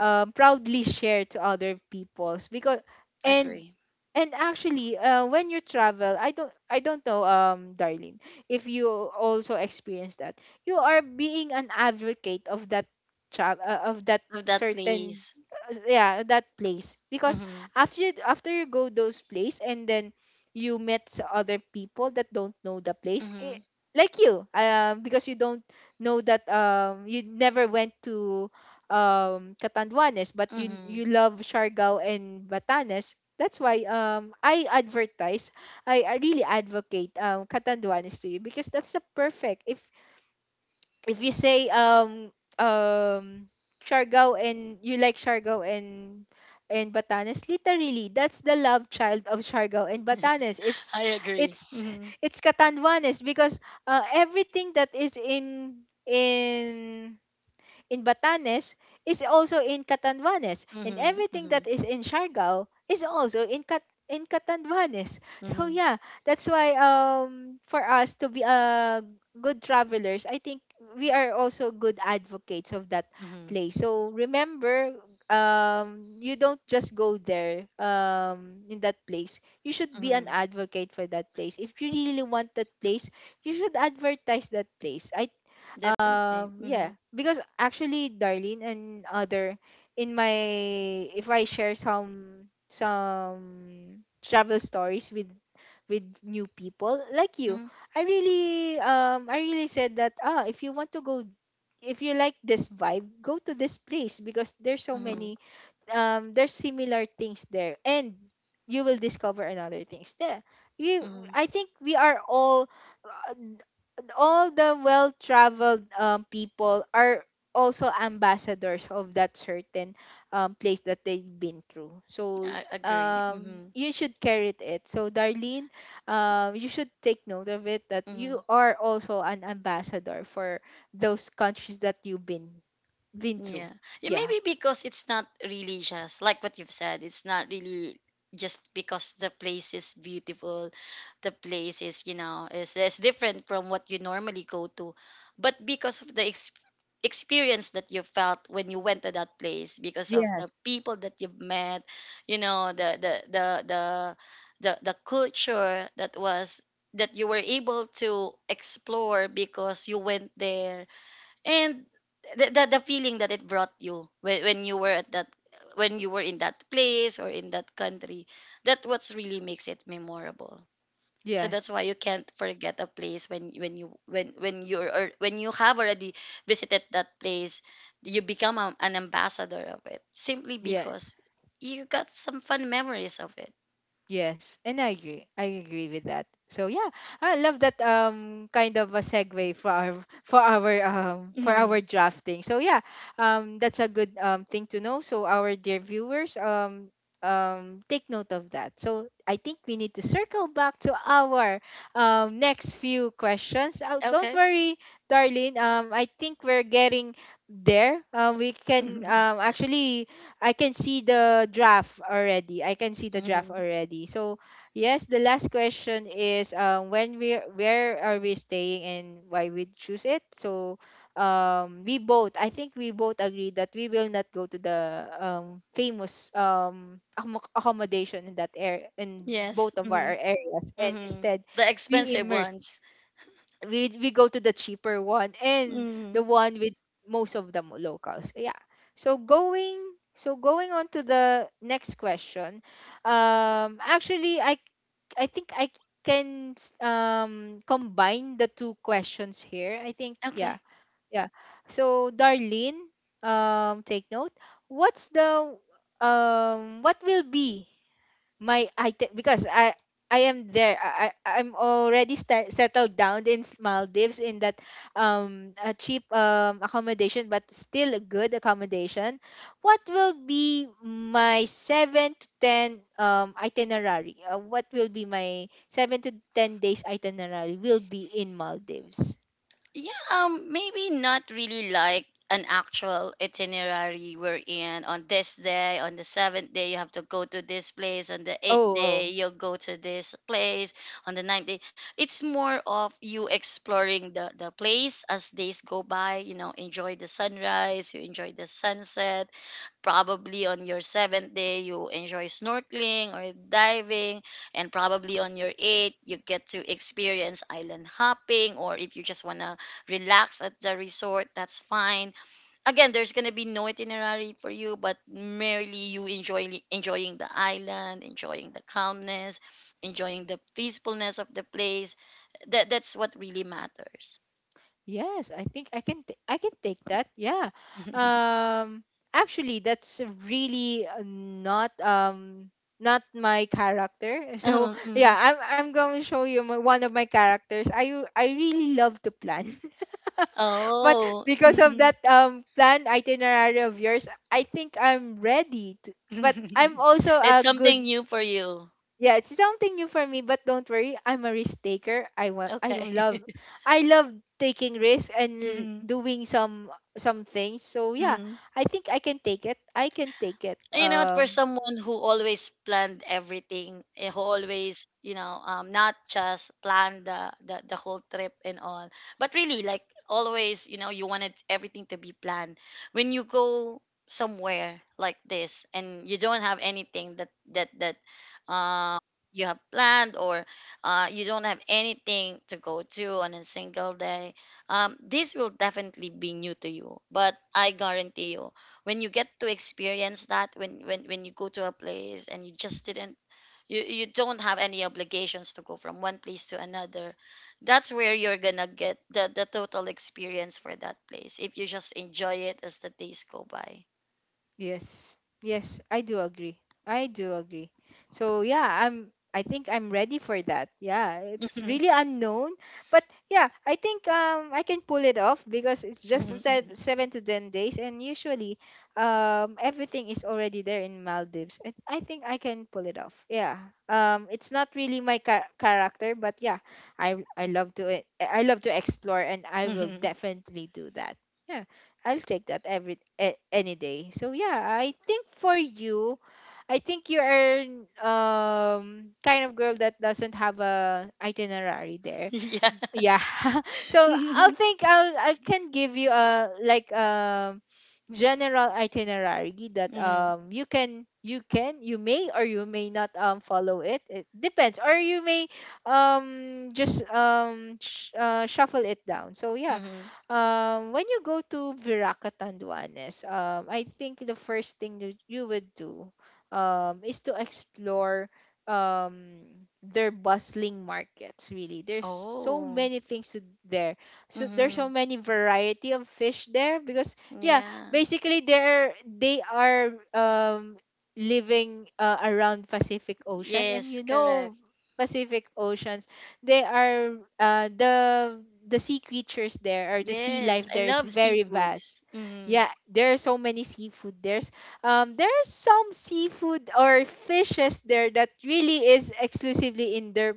S1: um proudly share to other peoples. Because, and
S2: agree
S1: and actually, when you travel, I don't know, Darlene, if you also experience that, you are being an advocate of that of that
S2: love that
S1: certain,
S2: place
S1: yeah, that place. Because
S2: mhm
S1: after, after you go those place, and then you other people that don't know the place, eh,
S2: mhm
S1: like you, because you don't know that, you never went to Catanduanes, but you
S2: mhm
S1: love Siargao and Batanes. That's why I advertise, I really advocate Catanduanes to you, because that's the perfect. If you say um Siargao, and you like Siargao and Batanes, literally that's the love child of Siargao and Batanes.
S2: I agree
S1: It's
S2: mhm
S1: it's Catanduanes, because everything that is in Batanes is also in Catanduanes, and
S2: mhm
S1: everything that
S2: mhm
S1: is in Siargao is also in Cat in Catanduanes. So
S2: mhm
S1: yeah, that's why for us to be good travelers, I think we are also good advocates of that
S2: mhm
S1: place. So remember, you don't just go there in that place. You should be an
S2: mhm
S1: advocate for that place. If you really want that place, you should advertise that place. I
S2: definitely
S1: Yeah,
S2: mhm
S1: because actually, Darlene and other, in my, if I share some travel stories with new people like you,
S2: mhm
S1: I really I really said that, ah, if you want to go, if you like this vibe, go to this place, because there's so
S2: mhm
S1: many there's similar things there, and you will discover another things there. You
S2: mhm
S1: I think we are uh, all the well traveled people are also ambassadors of that certain place that they've been through. So
S2: I agree mhm
S1: you should carry it. So Darlene, you should take note of it, that you
S2: mhm
S1: are also an ambassador for those countries that you've been through.
S2: Yeah. Yeah,
S1: Yeah.
S2: maybe because it's not really just like what you've said, it's not really just because the place is beautiful, the place is, you know, is different from what you normally go to, but because of the experience that you felt when you went to that place, because of the
S1: Yes.
S2: people that you've met, you know, the culture that was that you were able to explore because you went there and the feeling that it brought you when you were at that when you were in that place or in that country that what's really makes it memorable so that's
S1: Yes.
S2: why you can't forget a place when you when you're or when you have already visited that place you become an ambassador of it simply
S1: Yes.
S2: because you got some fun memories of it
S1: Yes, and I agree. I agree with that. So yeah, I love that kind of a segue for our, for our for our
S2: Mhm.
S1: drafting. So yeah, that's a good thing to know. So our dear viewers, take note of that. So I think we need to circle back to our next few questions. Don't
S2: Okay.
S1: worry, Darlene. I think we're getting there. We can actually, I can see the draft already. I can see the draft
S2: Mhm.
S1: already. So yes, the last question is, when we, where are we staying and why we choose it. So we both, I think we both agree that we will not go to the famous accommodation in that area, in
S2: Yes.
S1: both of
S2: Hmm.
S1: our areas, and
S2: Hmm.
S1: instead
S2: The
S1: we
S2: expensive
S1: immerse
S2: ones.
S1: we go to the cheaper one, and the
S2: Mm.
S1: one with most of the locals. Yeah. So going, so going on to the next question, actually, I think combine the two questions here, I think. Yeah,
S2: Okay.
S1: yeah. So Darlene, take note, what's the, what will be my item? Because I am there. I'm already sta settled down in Maldives, in that a cheap accommodation, but still a good accommodation. What will be my 7 to 10 itinerary? What will be my 7 to 10 days itinerary will be in Maldives?
S2: Yeah, maybe not really like an actual itinerary we're in on this day, on the seventh day you have to go to this place, on the eighth
S1: Oh,
S2: day
S1: oh.
S2: you'll go to this place, on the ninth day. It's more of you exploring the place as days go by, you know, enjoy the sunrise, you enjoy the sunset probably on your seventh day you enjoy snorkeling or diving and probably on your eighth you get to experience island hopping or if you just want to relax at the resort that's fine again there's going to be no itinerary for you but merely you enjoy enjoying the island enjoying the calmness enjoying the peacefulness of the place that's what really matters.
S1: Yes, I think I can take that. Yeah. Um actually, that's really not not my character. So
S2: Oh,
S1: yeah,
S2: mm.
S1: I'm going to show you my, one of my characters. I really love to plan. But
S2: Oh.
S1: because of that plan itinerary of yours, I think I'm ready to. But I'm also
S2: It's
S1: a good...
S2: something new for you.
S1: Yeah, it's something new for me. But don't worry, I'm a risk taker.
S2: Okay.
S1: I love taking risks, and
S2: Hmm.
S1: doing some things. So yeah,
S2: Hmm.
S1: I think I can take it. I can take it.
S2: You know, for someone who always planned everything, eh, who always, you know, not just plan the whole trip and all, but really like always, you know, you wanted everything to be planned. When you go somewhere like this and you don't have anything that that that uh, you have planned or you don't have anything to go to on a single day, this will definitely be new to you. But I guarantee you when you get to experience that when when you go to a place and you just didn't you you don't have any obligations to go from one place to another that's where you're gonna get the total experience for that place if you just enjoy it as the days go by.
S1: Yes. Yes, I do agree. I do agree. So yeah, I think I'm ready for that. Yeah, it's really unknown, but yeah, I think I can pull it off, because it's
S2: Mhm,
S1: just
S2: mhm, mhm,
S1: 7 to 10 days, and usually everything is already there in Maldives. I think I can pull it off. Yeah. It's not really my character, but yeah, I love to, I love to explore, and I will
S2: mhm.
S1: definitely do that. Yeah. I'll take that every any day. So yeah, I think for you, I think you are kind of girl that doesn't have a itinerary there.
S2: Yeah.
S1: Yeah. So I'll
S2: Mhm,
S1: think I'll I can give you a like general itinerary that
S2: mhm.
S1: you can, you may or you may not follow it, it depends, or you may just shuffle it down. So yeah,
S2: Mhm.
S1: when you go to Viraca Tanduanes, I think the first thing that you would do is to explore um their bustling markets. Really, there's so
S2: Oh.
S1: many things to there. So there's so
S2: Hmm.
S1: many variety of fish there, because yeah,
S2: Yeah.
S1: basically they're they are living around Pacific Ocean, and
S2: Yes,
S1: you know,
S2: correct.
S1: Pacific oceans, they are, the sea creatures there, or the sea
S2: Yes,
S1: life
S2: I
S1: there is
S2: love
S1: very
S2: seafoods.
S1: vast.
S2: Hmm.
S1: Yeah, there are so many seafood there. There are some seafood or fishes there that really is exclusively in their,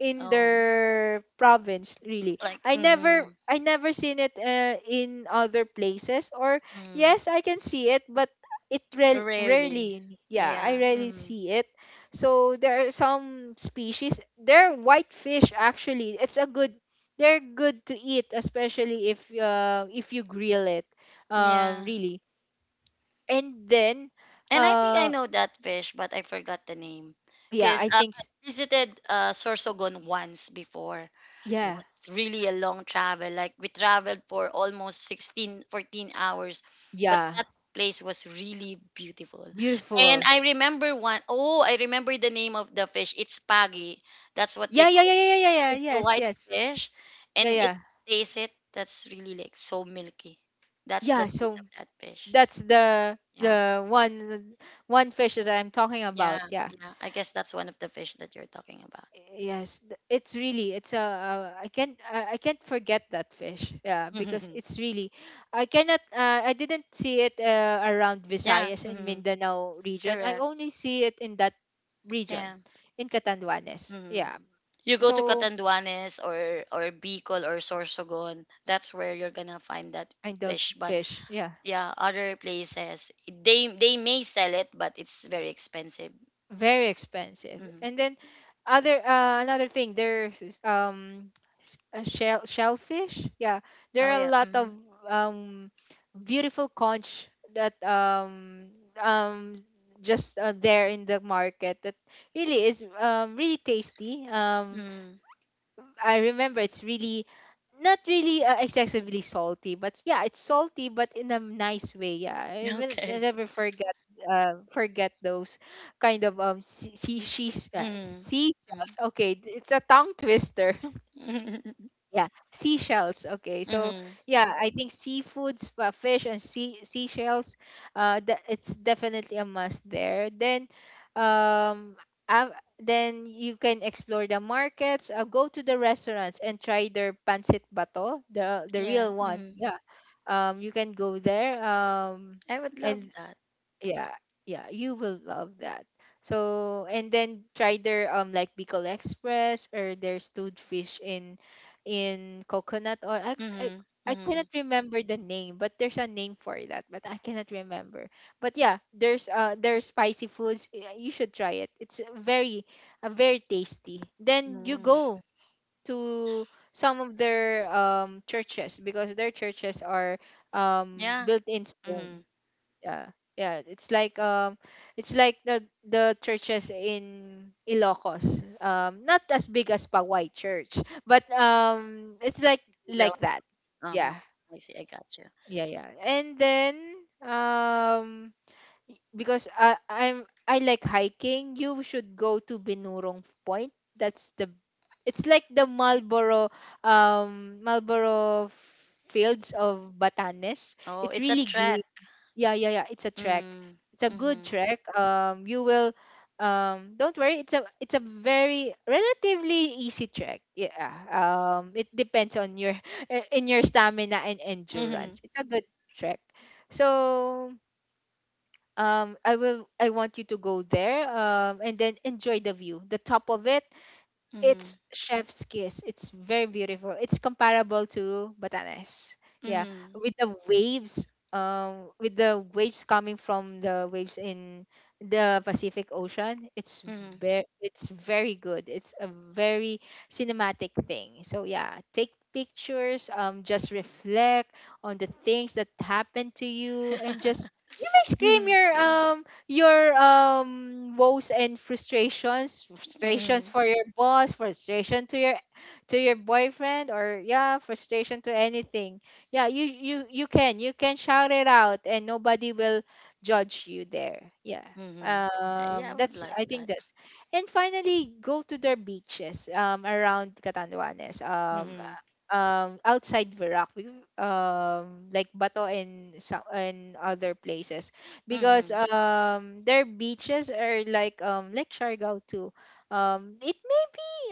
S1: in
S2: Oh.
S1: their province, really.
S2: Like mm-hmm.
S1: I never seen it in other places, or
S2: Mm-hmm.
S1: yes, I can see it, but it
S2: Rarely.
S1: rarely, yeah, I
S2: Yeah.
S1: rarely
S2: Hmm.
S1: see it. So there are some species, they're whitefish. Actually, it's a good, they're good to eat, especially if you grill it,
S2: Yeah.
S1: really. And then,
S2: And I think I
S1: uh,
S2: know that fish, but I forgot the name.
S1: yeah,
S2: Because
S1: I think
S2: I visited Sorsogon once before. It
S1: yeah,
S2: was really a long travel. Like we traveled for almost 16, 14 hours, but
S1: yeah.
S2: that place was really beautiful. And
S1: Beautiful.
S2: I remember one, oh, I remember the name of the fish. It's Pagi. That's what
S1: Yeah,
S2: they
S1: yeah,
S2: call.
S1: yeah, yeah, yeah, yeah, yeah,
S2: It's a
S1: yes,
S2: white
S1: yes.
S2: fish,
S1: Yeah,
S2: and if
S1: yeah,
S2: you taste it, that's really like so milky. That's the
S1: yeah.
S2: taste
S1: So
S2: of that fish.
S1: that's the
S2: Yeah,
S1: the one, one fish that I'm talking
S2: yeah,
S1: about. Yeah.
S2: yeah. I guess that's one of the fish that you're talking about.
S1: It's really, it's a, I can't forget that fish. Yeah, because it's really, I cannot, I didn't see it around
S2: Yeah.
S1: Visayas and
S2: Hmm.
S1: Mindanao region. I
S2: Correct.
S1: only see it in that region,
S2: Yeah.
S1: in Catanduanes.
S2: Hmm.
S1: Yeah,
S2: You go to
S1: so
S2: Catanduanes or Bicol or Sorsogon, that's where you're gonna find that
S1: I don't
S2: fish. But
S1: fish. Yeah,
S2: yeah, other places they may sell it, but it's very expensive.
S1: very expensive.
S2: Hmm.
S1: And then other, another thing, there's this, a shellfish. Yeah, there
S2: Oh
S1: are a
S2: yeah.
S1: lot of
S2: Hmm.
S1: um beautiful conch that um just there in the market, that really is really tasty.
S2: Mm-hmm.
S1: I remember, it's really not really excessively salty, but yeah, it's salty, but in a nice way. Yeah, I will, I
S2: Okay.
S1: never forget, forget those kind of
S2: Mm-hmm. Mm-hmm.
S1: seashells. Okay, it's a tongue twister. Yeah, seashells. Okay, so
S2: Mm-hmm.
S1: yeah, I think seafoods, fish, and seashells. The, it's definitely a must there. Then, um, then you can explore the markets. Go to the restaurants and try their pancit bato, the
S2: Yeah.
S1: real
S2: Mm-hmm.
S1: one. Yeah, you can go there.
S2: I would love
S1: And
S2: that.
S1: yeah, yeah, you will love that. So and then try their like Bicol Express, or their stewed fish in coconut oil.
S2: Mm-hmm.
S1: I
S2: Mm-hmm.
S1: cannot remember the name, but there's a name for that, but I cannot remember. But yeah, there's spicy foods, you should try it. It's very very tasty. Then you
S2: Mm-hmm.
S1: go to some of their churches, because their churches are
S2: Yeah.
S1: built in stone.
S2: Mm-hmm.
S1: Yeah, yeah, it's like the churches in Ilocos, not as big as Pawai church, but it's like
S2: Real.
S1: like that.
S2: Um.
S1: Yeah,
S2: I see. I got you.
S1: yeah, yeah. And then um because I like hiking, you should go to Binurong Point. That's the, it's like the Marlboro Marlboro fields of Batanes.
S2: Oh,
S1: It's
S2: it's a
S1: really
S2: trek.
S1: green. Yeah, yeah, yeah. It's a trek.
S2: Mm.
S1: It's a good
S2: Mm-hmm.
S1: trek. You will, don't worry. It's a very relatively easy trek. Yeah. It depends on your in your stamina and
S2: Mm-hmm.
S1: endurance. It's a good trek. So, I want you to go there. And then enjoy the view. The top of it
S2: Mm-hmm.
S1: it's chef's kiss. It's very beautiful. It's comparable to Batanes. Yeah,
S2: Mm-hmm.
S1: with the waves, with the waves coming from the waves in the Pacific Ocean,
S2: Mm-hmm.
S1: it's very good. It's a very cinematic thing. So yeah, take pictures. Just reflect on the things that happened to you, and just you may scream
S2: Mm-hmm.
S1: your woes and frustrations
S2: Mm-hmm.
S1: for your boss, frustration to your boyfriend, or yeah, frustration to anything. Yeah, you you can, you can shout it out and nobody will judge you there, yeah.
S2: Mm-hmm. Yeah, I would
S1: That's,
S2: like
S1: I think
S2: that.
S1: that's. And finally, go to their beaches around Catanduanes,
S2: Mm-hmm.
S1: outside Verac, like Bato and some and other places, because
S2: Mm-hmm.
S1: their beaches are like Siargao too. It may be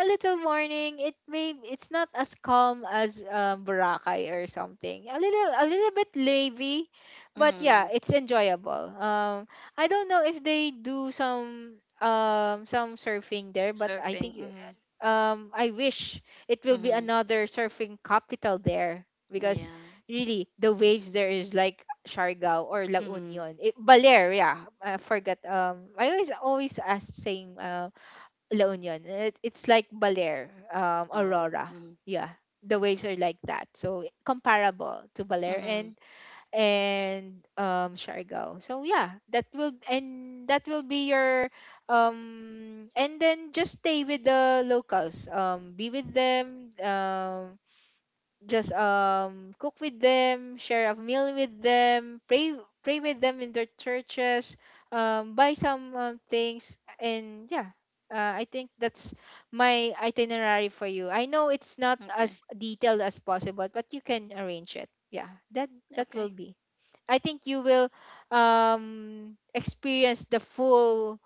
S1: a little morning. It may, it's not as calm as Boracay or something. A little bit wavy, but
S2: Mm-hmm.
S1: yeah, it's enjoyable. I don't know if they do some surfing there, but I
S2: Surfing.
S1: think
S2: Mm-hmm.
S1: I wish it will be
S2: Mm-hmm.
S1: another surfing capital there, because
S2: Yeah.
S1: really the waves there is like Siargao or La
S2: Mm-hmm.
S1: Union. It, Baler, yeah. I forgot. I always ask saying La Union. It's like Baler,
S2: Oh.
S1: Aurora.
S2: Mm-hmm.
S1: Yeah. The waves are like that. So comparable to Baler
S2: Mm-hmm.
S1: and Siargao. So yeah, that will be your and then just stay with the locals. Be with them. Just cook with them, share a meal with them, pray with them in their churches, buy some things, and yeah, I think that's my itinerary for you. I know it's not
S2: Okay.
S1: as detailed as possible, but you can arrange it. Yeah, that will
S2: Okay.
S1: be. I think you will experience the full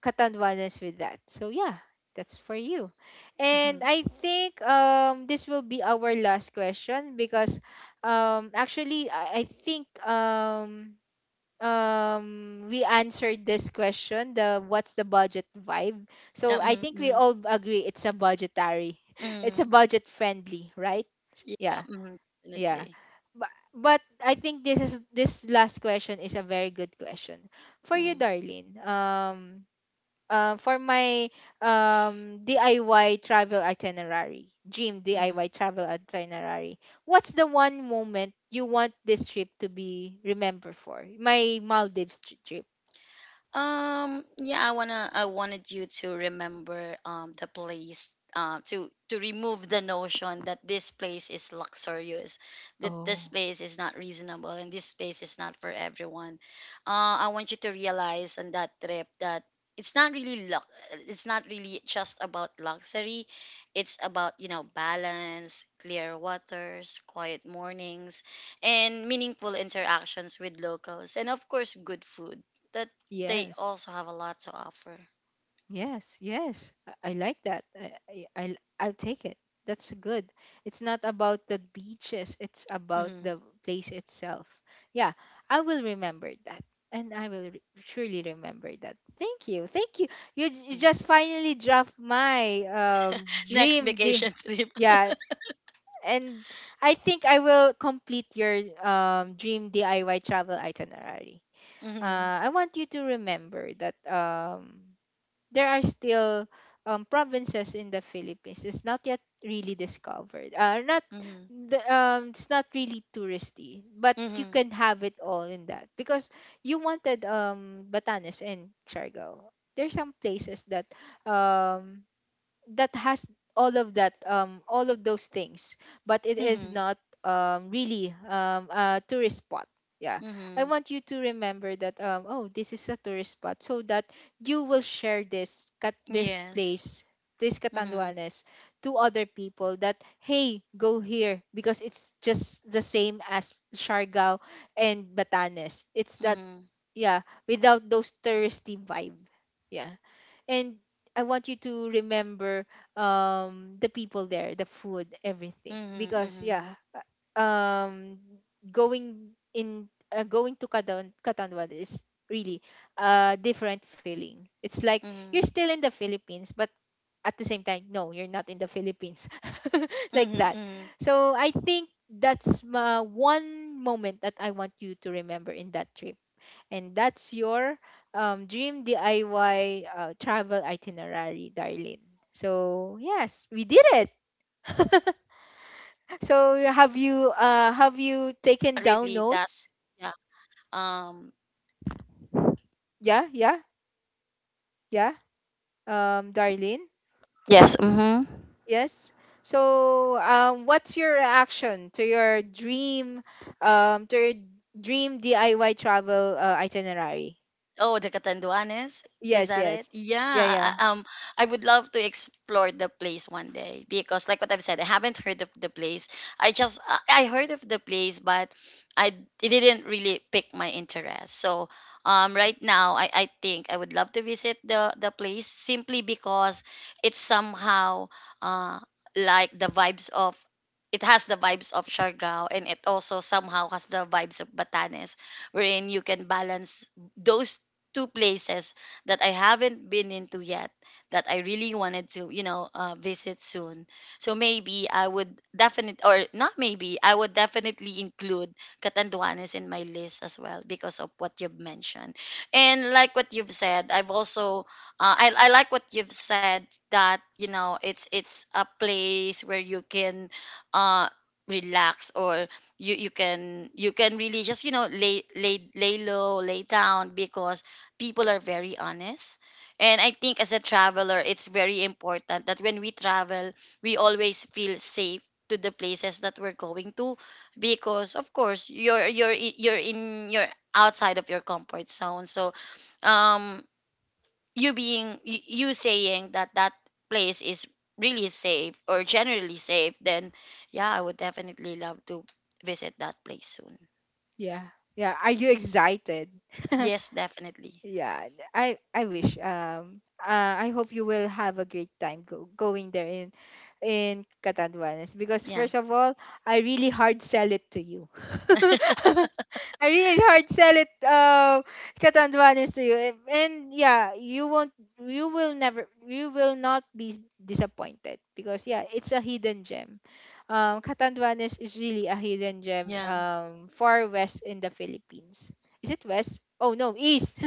S1: Katanduanes with that. So yeah, that's for you.
S2: Mm-hmm.
S1: And I think this will be our last question, because actually, I think we answered this question, the what's the budget vibe.
S2: Yeah,
S1: So I
S2: mm-hmm.
S1: think we
S2: Mm-hmm.
S1: all agree it's a budgetary. It's
S2: Mm-hmm.
S1: a budget friendly, right?
S2: Yeah,
S1: Yeah.
S2: mhm,
S1: Yeah.
S2: definitely.
S1: But I think this is, this last question is a very good question for you,
S2: Mhm,
S1: Darlene. For my DIY travel itinerary, dream
S2: mhm.
S1: DIY travel itinerary, what's the one moment you want this trip to be remembered for? My trip.
S2: Yeah, I wanted you to remember the place. To remove the notion that this place is luxurious, that this
S1: Oh,
S2: place is not reasonable and this place is not for everyone. I want you to realize on that trip that it's not really luck it's not really just about luxury. It's about, you know, balance, clear waters, quiet mornings, and meaningful interactions with locals and of course good food. That. They
S1: yes.
S2: also have a lot to offer.
S1: Yes, yes. I like that. I'll take it. That's good. It's not about the beaches, it's about
S2: Hmm.
S1: the place itself. Yeah, I will remember that. And I will surely remember that. Thank you. Thank you. You
S2: Mm.
S1: just finally dropped my
S2: Next
S1: dream.
S2: vacation trip.
S1: Yeah. And I think I will complete your dream DIY travel itinerary.
S2: Hmm.
S1: I want you to remember that there are still provinces in the Philippines. It's not yet really discovered. Not
S2: Hmm.
S1: the, it's not really touristy, but you
S2: Hmm.
S1: can have it all in that, because you wanted Batanes and Siargao. There's some places that um that has all of that, all of those things, but it is
S2: Hmm.
S1: not really a tourist spot, yeah. I
S2: Hmm.
S1: want you to remember that, oh, this is a tourist spot, so that you will share this
S2: Yes.
S1: place, this
S2: Hmm.
S1: Catanduanes, to other people, that hey, go here because it's just the same as Siargao and Batanes. It's that,
S2: Hmm.
S1: yeah, without those touristy vibe, yeah. And I want you to remember the people there, the food, everything.
S2: Hmm.
S1: Because
S2: Hmm.
S1: yeah, um going in going to Katanduan is really a different feeling. It's like you're
S2: Hmm.
S1: still in the Philippines, but at the same time, no, you're not in the Philippines,
S2: Hmm.
S1: like that.
S2: Hmm.
S1: So I think that's my one moment that I want you to remember in that trip. And that's your dream DIY travel itinerary, darling. So yes, we did it. So have you taken down
S2: Really, that
S1: notes?
S2: yeah. Um.
S1: Yeah, yeah, yeah. Darlene.
S2: Yes. Hmm.
S1: Yes. So what's your reaction to your dream DIY travel itinerary?
S2: Oh, the Catanduanes? Is
S1: Yes,
S2: that it?
S1: yes.
S2: Yeah.
S1: Yeah, yeah,
S2: I would love to explore the place one day because, like what I've said, I haven't heard of the place. I just I heard of the place, but I it didn't really pick my interest. So, right now I think I would love to visit the place simply because it's somehow uh like the vibes of it has the vibes of Siargao and it also somehow has the vibes of Batanes, wherein you can balance those two places that I haven't been into yet that I really wanted to, you know, visit soon. So maybe I would definitely, or not maybe, I would definitely include Catanduanes in my list as well because of what you've mentioned. And like what you've said, I've also, I like what you've said that, you know, it's a place where you can, uh, relax or you you can really just you know lay low lay down because people are very honest. And I think as a traveler, it's very important that when we travel, we always feel safe to the places that we're going to because of course you're in you're outside of your comfort zone so um you saying that that place is really safe or generally safe then yeah I would definitely love to visit that place soon.
S1: yeah. Yeah. Are you excited?
S2: Yes, definitely.
S1: Yeah, I wish. I hope you will have a great time going there in Catanduanes, because
S2: Yeah,
S1: first of all, I really hard sell it to you. I really hard sell it Catanduanes to you, and yeah, you will never, you will not be disappointed, because yeah, it's a hidden gem, Catanduanes is really a hidden gem,
S2: yeah,
S1: far west in the Philippines. Is it west? Oh no, east.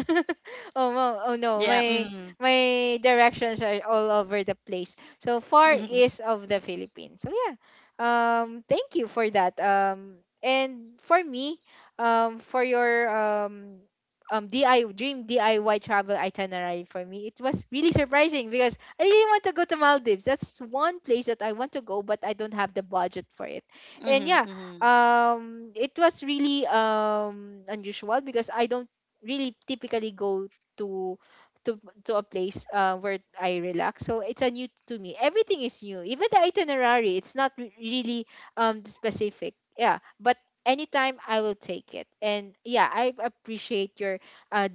S1: Oh no, oh no,
S2: yeah.
S1: my
S2: Mm-hmm.
S1: my directions are all over the place. So far east of the Philippines. So yeah, thank you for that. And for me, for your DI dream DIY travel itinerary for me, it was really surprising, because I really want to go to Maldives. That's one place that I want to go, but I don't have the budget for it. And
S2: Mhm,
S1: yeah,
S2: mhm,
S1: it was really unusual, because I don't really typically go to to to a place where I relax. So it's a new to me. Everything is new. Even the itinerary, it's not really specific. Yeah, but anytime I will take it. And yeah, I appreciate your uh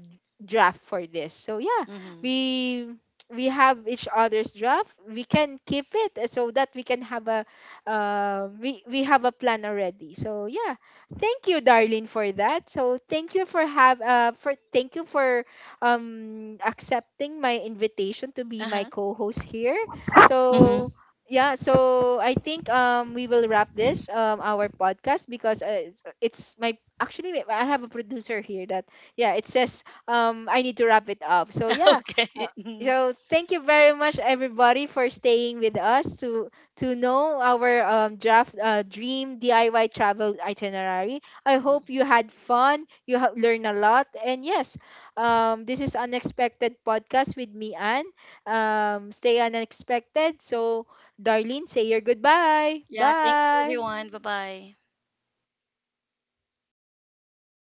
S1: draft for this. So yeah,
S2: mhm.
S1: we we have each other's draft, we can keep it, eh, so that we can have a we have a plan already, so yeah, thank you, Darlene, for that. So thank you for have for thank you for accepting my invitation to be my
S2: Uh-huh.
S1: co-host here, so
S2: Mhm.
S1: yeah. So I think we will wrap this, our podcast, because it's my, actually I have a producer here that, yeah, it says I need to wrap it up, so yeah. uh,
S2: Okay. Mhm.
S1: so thank you very much, everybody, for staying with us to know our draft dream DIY travel itinerary. I
S2: Mm.
S1: hope you had fun, you learned a lot, and yes, this is unexpected podcast with me, Anne. Stay unexpected. So, Darlene, say your goodbye.
S2: Yeah, thank you
S1: Bye.
S2: everyone. Bye-bye.